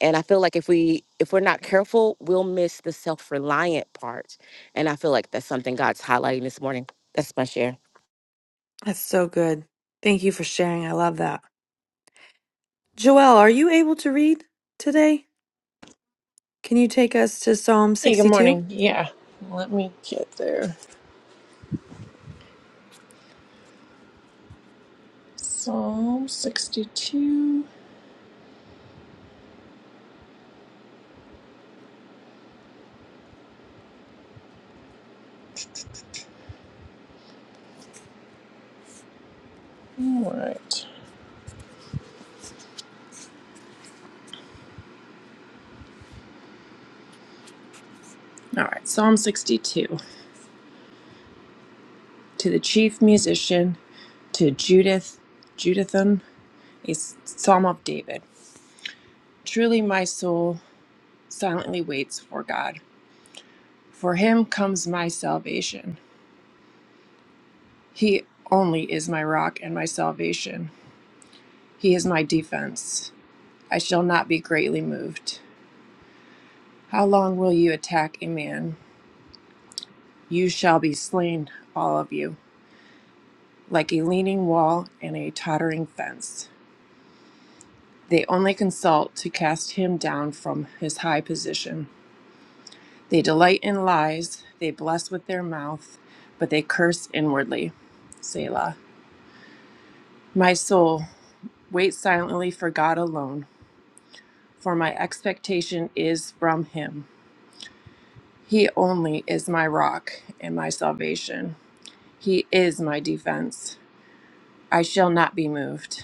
I: and i feel like if we if we're not careful we'll miss the self-reliant part and i feel like that's something god's highlighting this morning that's my share
A: That's so good. Thank you for sharing. I love that. Joelle, are you able to read today? Can you take us to Psalm
J: Hey, good
A: 62?
J: morning. Yeah, let me get there. Psalm 62. All right. All right, Psalm 62. To the chief musician, to Judith, Judithan, a s- psalm of David. Truly my soul silently waits for God. For him comes my salvation. He only is my rock and my salvation. He is my defense. I shall not be greatly moved. How long will you attack a man? You shall be slain, all of you, like a leaning wall and a tottering fence. They only consult to cast him down from his high position. They delight in lies, they bless with their mouth, but they curse inwardly. Selah. My soul, wait silently for God alone, for my expectation is from him. He only is my rock and my salvation. He is my defense. I shall not be moved.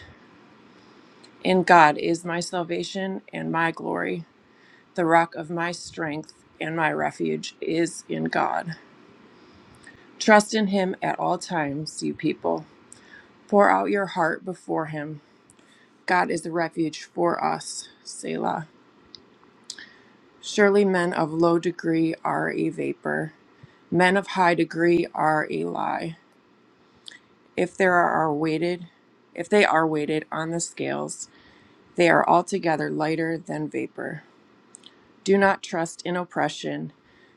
J: In God is my salvation and my glory. The rock of my strength and my refuge is in God. Trust in Him at all times, you people. Pour out your heart before Him. God is a refuge for us. Selah. Surely men of low degree are a vapor, men of high degree are a lie. If there are weighted, if they are weighted on the scales, they are altogether lighter than vapor. Do not trust in oppression,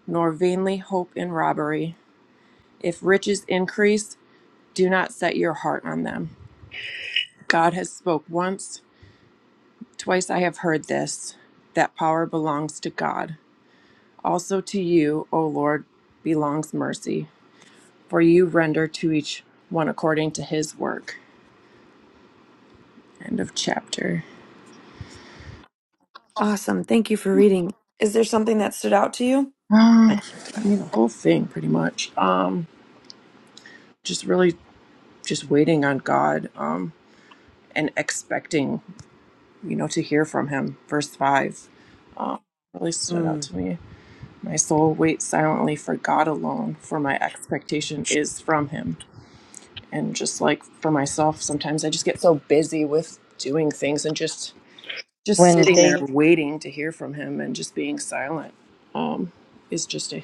J: nor vainly hope in robbery. If riches increase, do not set your heart on them. God has spoke once, twice I have heard this, that power belongs to God. Also to you, O Lord, belongs mercy, for you render to each one according to his work. End of chapter.
A: Awesome. Thank you for reading. Is there something that stood out to you?
K: I
J: Um,
K: can't-
J: I mean the whole thing pretty much. Um just really just waiting on God um and expecting you know, to hear from him. Verse 5 um, really stood out
A: Mm.
J: to me. My soul waits silently for God alone, for my expectation is from him. And just like for myself, sometimes I just get so busy with doing things and just just
K: When
J: sitting
K: they
J: there waiting to hear from him and just being silent um, is just a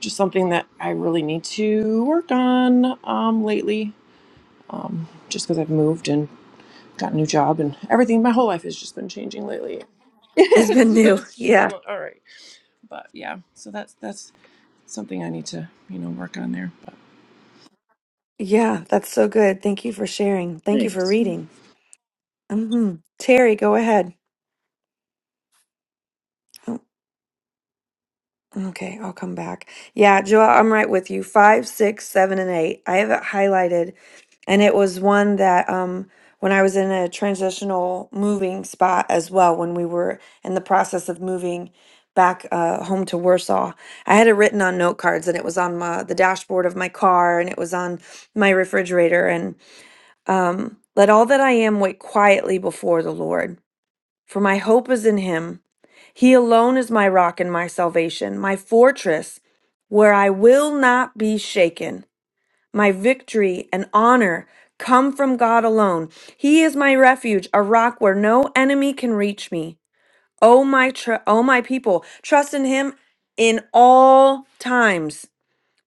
J: just something that I really need to work on um, lately. Just because I've moved and got a new job and everything. My whole life has just been changing lately.
A: It's
J: it's,
A: been new.
J: it's just
A: Yeah.
J: been all right. But yeah, so that's that's something I need to you know work on there. But
A: Yeah. That's so good. Thank you for sharing. Thank you for
J: thanks.
A: reading. hmm Terry, go ahead. Oh, okay. I'll come back. Yeah. Joel, I'm right with you. Five, six, seven, and eight. I have it highlighted. And it was one that, um, when I was in a transitional moving spot as well, when we were in the process of moving back uh, home to Warsaw, I had it written on note cards and it was on my, the dashboard of my car and it was on my refrigerator. Um, Let all that I am wait quietly before the Lord, for my hope is in him. He alone is my rock and my salvation, my fortress, where I will not be shaken. My victory and honor come from God alone. He is my refuge, a rock where no enemy can reach me. O my tr- O my people, trust in him in all times.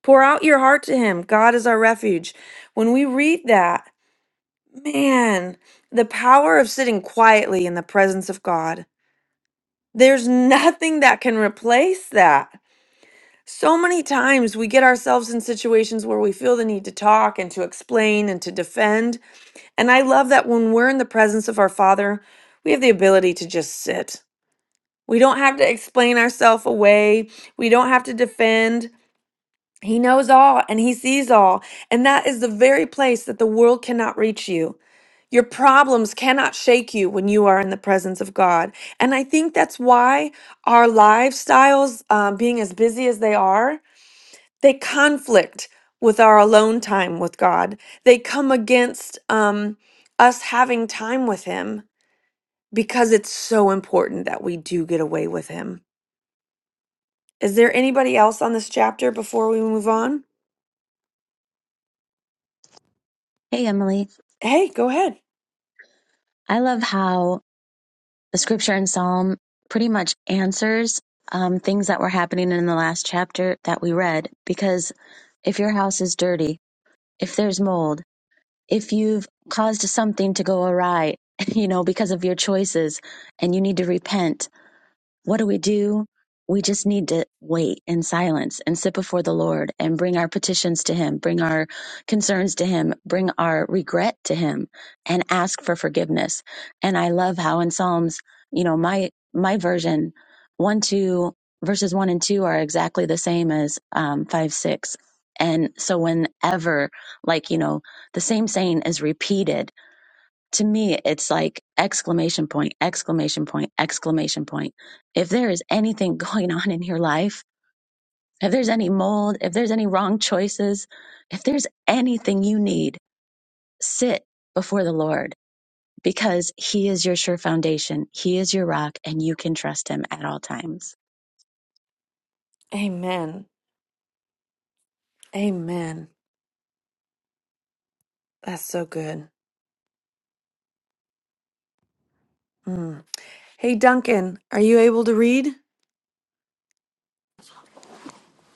A: Pour out your heart to him. God is our refuge. When we read that, Man, the power of sitting quietly in the presence of God. There's nothing that can replace that. So many times we get ourselves in situations where we feel the need to talk and to explain and to defend. And I love that when we're in the presence of our Father, we have the ability to just sit. We don't have to explain ourselves away. We don't have to defend. He knows all and he sees all. And that is the very place that the world cannot reach you. Your problems cannot shake you when you are in the presence of God. And I think that's why our lifestyles, um, being as busy as they are, they conflict with our alone time with God. They come against um, us having time with Him because it's so important that we do get away with Him. Is there anybody else on this chapter before we move on?
E: Hey Emily,
A: Hey, go ahead.
E: I love how the scripture in Psalm pretty much answers um, things that were happening in the last chapter that we read because if your house is dirty, if there's mold, if you've caused something to go awry, you know, because of your choices and you need to repent, What do we do? We just need to wait in silence and sit before the Lord and bring our petitions to Him, bring our concerns to Him, bring our regret to Him and ask for forgiveness. And I love how in Psalms, you know, my, my version, one, two, verses one and two are exactly the same as um, five, six. And so whenever like, you know, the same saying is repeated, to me, it's like exclamation point, exclamation point, exclamation point. If there is anything going on in your life, if there's any mold, if there's any wrong choices, if there's anything you need, sit before the Lord because He is your sure foundation. He is your rock and you can trust Him at all times.
A: Amen. Amen. That's so good. Mm. Hey, Duncan, are you able to read?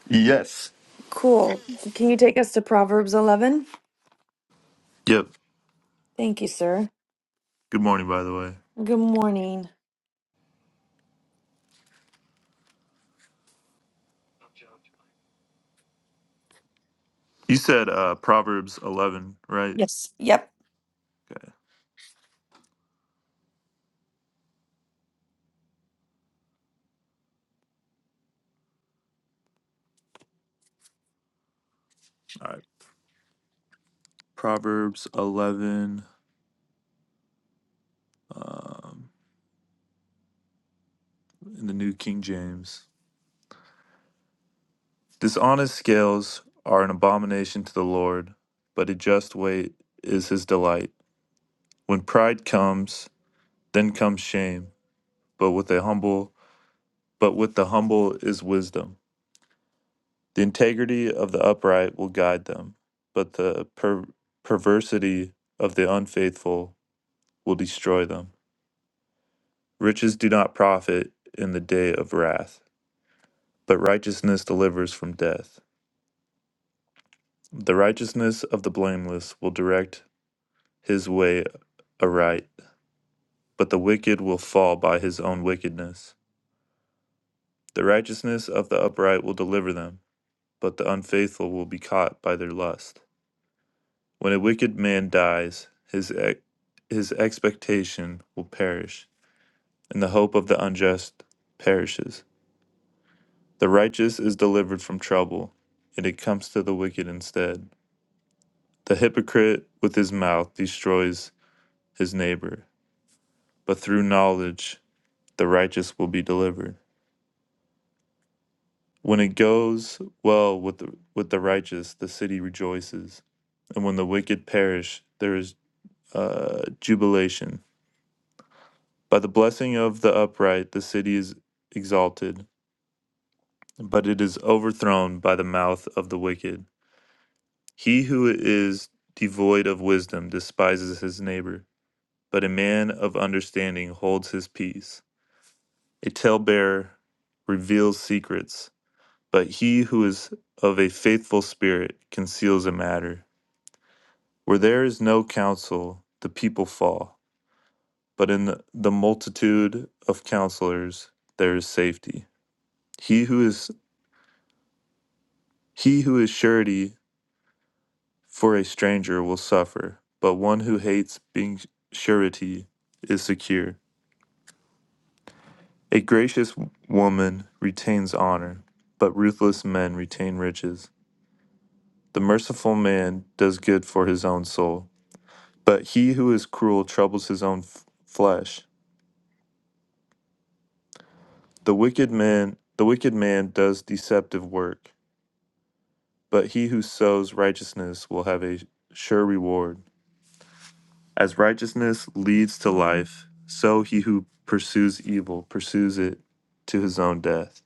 L: Yes.
A: Cool. Can you take us to Proverbs 11?
L: Yep.
A: Thank you, sir.
L: Good morning, by the way.
A: Good morning.
L: You said uh, Proverbs 11, right?
A: Yes. Yep.
L: Okay. All right. Proverbs 11 um, in the New King James. Dishonest scales are an abomination to the Lord, but a just weight is his delight. When pride comes, then comes shame, but with a humble, but with the humble is wisdom. The integrity of the upright will guide them, but the per- perversity of the unfaithful will destroy them. Riches do not profit in the day of wrath, but righteousness delivers from death. The righteousness of the blameless will direct his way aright, but the wicked will fall by his own wickedness. The righteousness of the upright will deliver them, but the unfaithful will be caught by their lust. When a wicked man dies, his, ex- his expectation will perish, and the hope of the unjust perishes. The righteous is delivered from trouble, and it comes to the wicked instead. The hypocrite with his mouth destroys his neighbor, but through knowledge the righteous will be delivered. When it goes well with the, with the righteous, the city rejoices, and when the wicked perish, there is uh, jubilation. By the blessing of the upright, the city is exalted, but it is overthrown by the mouth of the wicked. He who is devoid of wisdom despises his neighbor, but a man of understanding holds his peace. A talebearer reveals secrets, but he who is of a faithful spirit conceals a matter. Where there is no counsel, the people fall, but in the, the multitude of counselors there is safety. He who is he who is surety for a stranger will suffer, but one who hates being surety is secure. A gracious woman retains honor, but ruthless men retain riches. The merciful man does good for his own soul, but he who is cruel troubles his own f- flesh. The wicked man, the wicked man does deceptive work, but he who sows righteousness will have a sure reward. As righteousness leads to life, so he who pursues evil pursues it to his own death.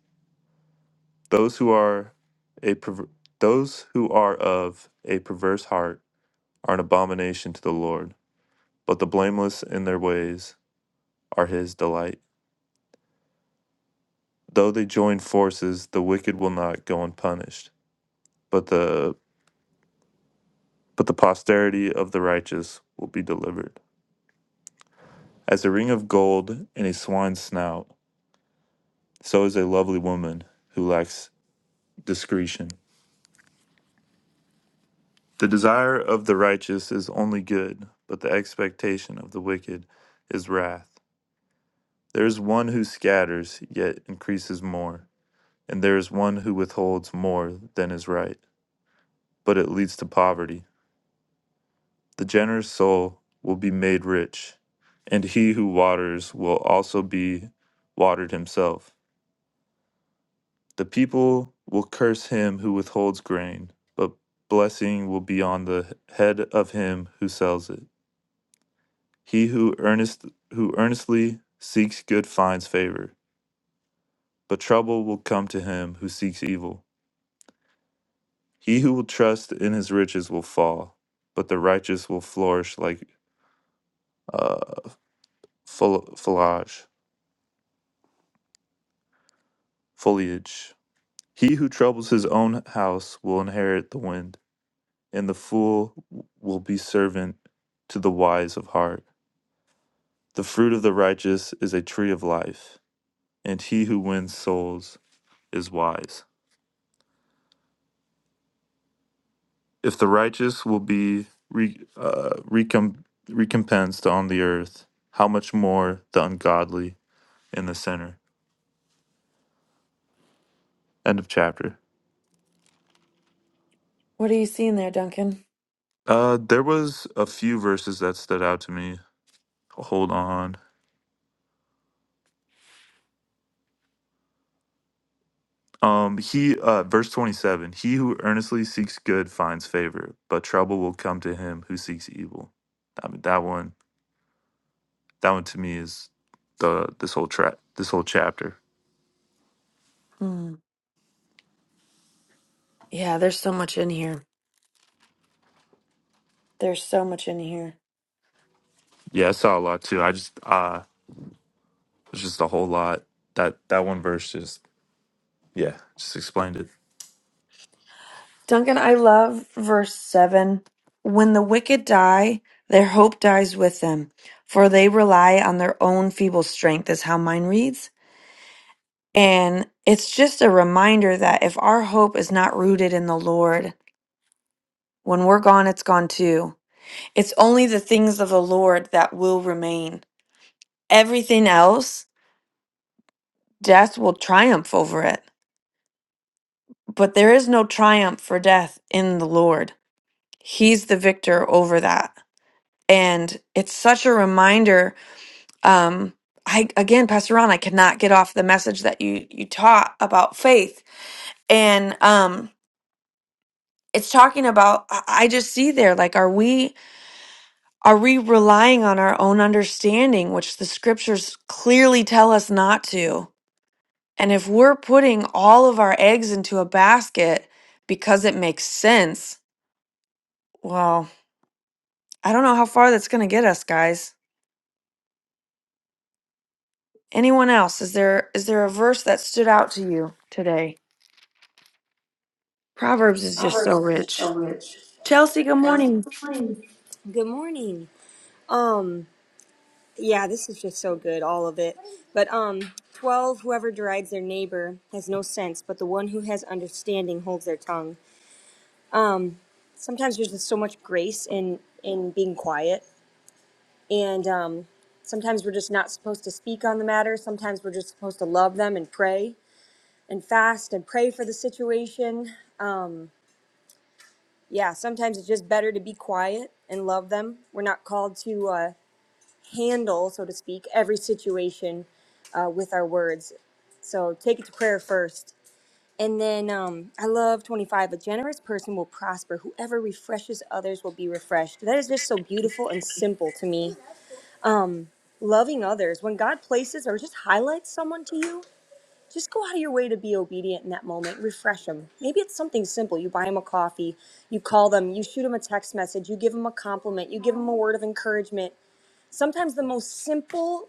L: Those who are a perver- those who are of a perverse heart are an abomination to the Lord, but the blameless in their ways are his delight. Though they join forces, the wicked will not go unpunished, but the but the posterity of the righteous will be delivered. As a ring of gold in a swine's snout, so is a lovely woman who lacks discretion. The desire of the righteous is only good, but the expectation of the wicked is wrath. There is one who scatters, yet increases more, and there is one who withholds more than is right, but it leads to poverty. The generous soul will be made rich, and he who waters will also be watered himself. The people will curse him who withholds grain, but blessing will be on the head of him who sells it. He who earnest who earnestly seeks good finds favor, but trouble will come to him who seeks evil. He who will trust in his riches will fall, but the righteous will flourish like uh, fol- foliage. Foliage. He who troubles his own house will inherit the wind, and the fool will be servant to the wise of heart. The fruit of the righteous is a tree of life, and he who wins souls is wise. If the righteous will be re- uh, recomp- recompensed on the earth, how much more the ungodly and the sinner? End of chapter.
A: What are you seeing there, Duncan?
L: Uh, there was a few verses that stood out to me. Hold on. Um, he uh, verse twenty seven. He who earnestly seeks good finds favor, but trouble will come to him who seeks evil. I mean that one. That one to me is the this whole trap this whole chapter.
A: Hmm. Yeah, there's so much in here. There's so much in here.
L: Yeah, I saw a lot too. I just uh, it's just a whole lot. That that one verse just yeah just explained it.
A: Duncan, I love verse 7. When the wicked die, their hope dies with them, for they rely on their own feeble strength, is how mine reads. And it's just a reminder that if our hope is not rooted in the Lord, when we're gone, it's gone too. It's only the things of the Lord that will remain. Everything else, death will triumph over it. But there is no triumph for death in the Lord. He's the victor over that. And it's such a reminder. Um, I again, Pastor Ron, I cannot get off the message that you you taught about faith. And um it's talking about i I just see there like are we are we relying on our own understanding which the scriptures clearly tell us not to and if we're putting all of our eggs into a basket because it makes sense well i don't know how far that's going to get us guys anyone else is there is there a verse that stood out to you today proverbs is just so
M: Proverbs is just
A: rich
M: so rich.
A: chelsea good morning
M: Good morning. Um, yeah, this is just so good, all of it. But um, twelve, whoever derides their neighbor has no sense, but the one who has understanding holds their tongue. Um, sometimes there's just so much grace in in being quiet, and um, sometimes we're just not supposed to speak on the matter. Sometimes we're just supposed to love them and pray and fast and pray for the situation. Yeah, sometimes it's just better to be quiet and love them. We're not called to. uh, handle, so to speak, every situation uh, with our words. So take it to prayer first. And then um, I love 25. A generous person will prosper. Whoever refreshes others will be refreshed. That is just so beautiful and simple to me. Loving others, when God places or just highlights someone to you, just go out of your way to be obedient in that moment. Refresh them. Maybe it's something simple. You buy them a coffee, you call them, you shoot them a text message, you give them a compliment, you give them a word of encouragement. Sometimes the most simple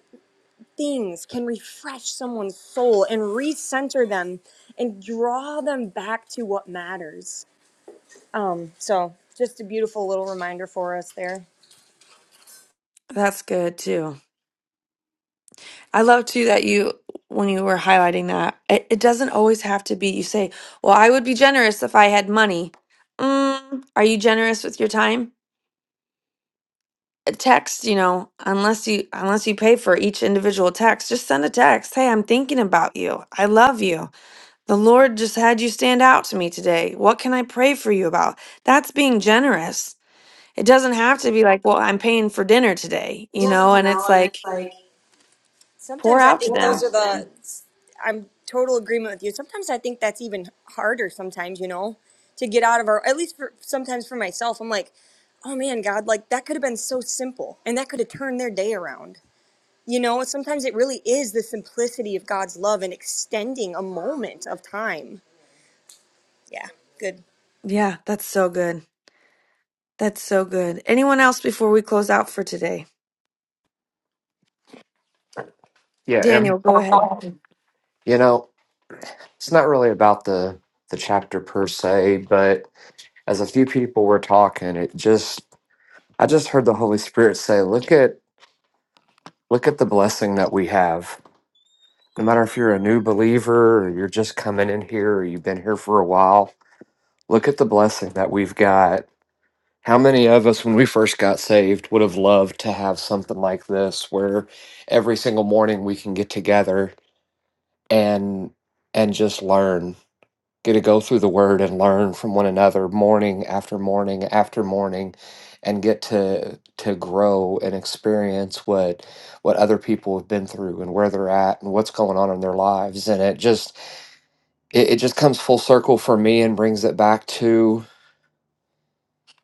M: things can refresh someone's soul and recenter them and draw them back to what matters. Um, so, just a beautiful little reminder for us there.
A: that's good too I love too that you, when you were highlighting that, it, it doesn't always have to be, you say, well, I would be generous if I had money. Mm, are you generous with your time? A text, you know, unless you unless you pay for each individual text, just send a text. Hey, I'm thinking about you. I love you. The Lord just had you stand out to me today. What can I pray for you about? That's being generous. It doesn't have to be like, well, I'm paying for dinner today, you
M: Doesn't
A: know,
M: you
A: and it's
M: know? And it's
A: like
M: like,
A: pour
M: Sometimes I
A: out
M: think
A: to
M: those
A: them.
M: are the, I'm total agreement with you. Sometimes I think that's even harder sometimes, you know, to get out of our, at least for, sometimes for myself, I'm like, oh man, God, like that could have been so simple and that could have turned their day around. You know, sometimes it really is the simplicity of God's love and extending a moment of time. Yeah, good.
A: Yeah, that's so good. That's so good. Anyone else before we close out for today?
H: yeah and
A: Daniel, go ahead.
H: you know it's not really about the the chapter per se, but as a few people were talking, it just I just heard the Holy Spirit say, "Look at look at the blessing that we have. No matter if you're a new believer or you're just coming in here or you've been here for a while, look at the blessing that we've got. How many of us when we first got saved would have loved to have something like this where every single morning we can get together and and just learn Get to go through the word and learn from one another morning after morning after morning and get to to grow and experience what what other people have been through and where they're at and what's going on in their lives and it just it, it just comes full circle for me and brings it back to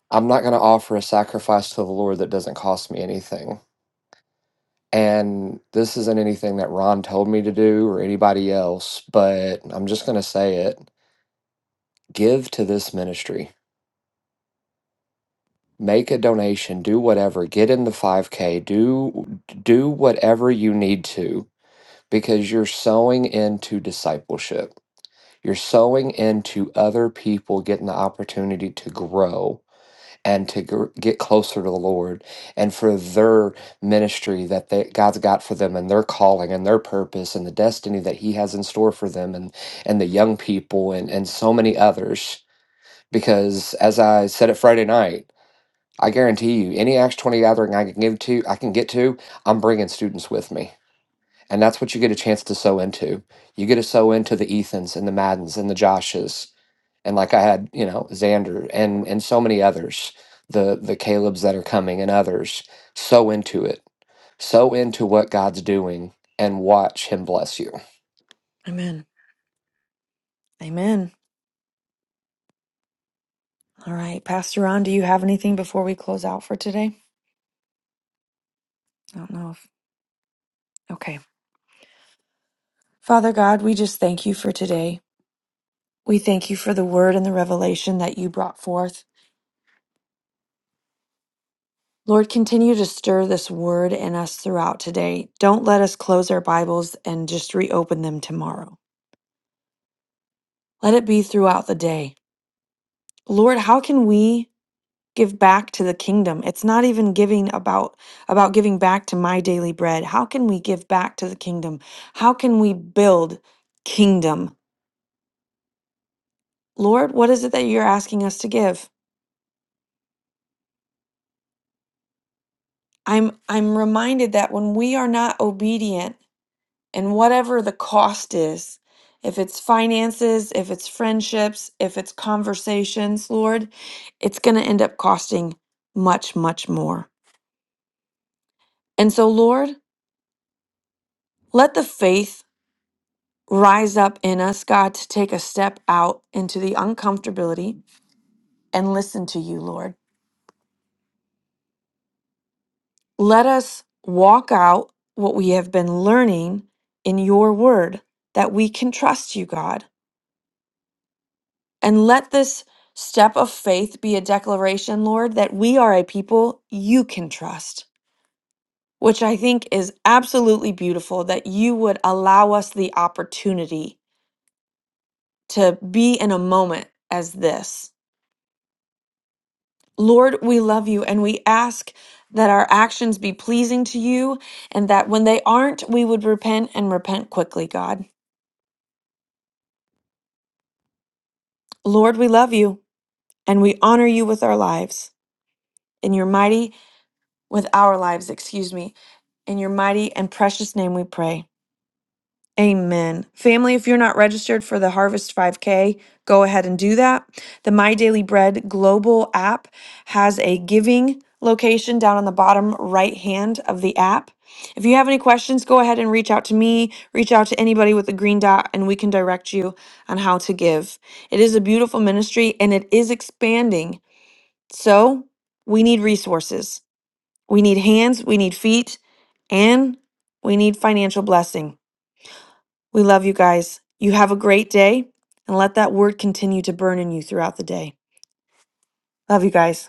H: I'm not going to offer a sacrifice to the Lord that doesn't cost me anything. And this isn't anything that Ron told me to do or anybody else, but I'm just going to say it. Give to this ministry make a donation, do whatever, get in the 5K, do do whatever you need to because you're sowing into discipleship. You're sowing into other people getting the opportunity to grow and to gr- get closer to the Lord and for their ministry that they, God's got for them and their calling and their purpose and the destiny that He has in store for them and and the young people and and so many others. Because as I said it Friday night, I guarantee you, any Acts 20 gathering I can give to, I can get to, I'm bringing students with me. And that's what you get a chance to sow into. You get to sow into the Ethans and the Maddens and the Joshes. And like I had, you know, Xander and and so many others, the the Calebs that are coming and others. Sow into it. Sow into what God's doing and watch him bless you.
A: Amen. Amen. All right. Pastor Ron, do you have anything before we close out for today? I don't know if. Okay. Father God, we just thank you for today. We thank you for the word and the revelation that you brought forth. Lord, continue to stir this word in us throughout today. Don't let us close our Bibles and just reopen them tomorrow. Let it be throughout the day. Lord, how can we give back to the kingdom it's not even giving about about giving back to my daily bread how can we give back to the kingdom how can we build kingdom lord what is it that you're asking us to give i'm i'm reminded that when we are not obedient and whatever the cost is if it's finances if it's friendships if it's conversations lord it's going to end up costing much much more and so lord let the faith rise up in us, God, to take a step out into the uncomfortability and listen to you, Lord. Let us walk out what we have been learning in your word that we can trust you, God. And let this step of faith be a declaration, Lord, that we are a people you can trust, which I think is absolutely beautiful that you would allow us the opportunity to be in a moment as this Lord, we love you and we ask that our actions be pleasing to you and that when they aren't, we would repent and repent quickly, God. Lord, we love you and we honor you with our lives. In your mighty, with our lives, excuse me. In your mighty and precious name we pray. Amen. Family, if you're not registered for the Harvest 5K, go ahead and do that. The My Daily Bread global app has a giving location down on the bottom right hand of the app. If you have any questions, go ahead and reach out to me, reach out to anybody with a green dot, and we can direct you on how to give. It is a beautiful ministry and it is expanding. So we need resources. We need hands, we need feet, and we need financial blessing. We love you guys. You have a great day and let that word continue to burn in you throughout the day. Love you guys.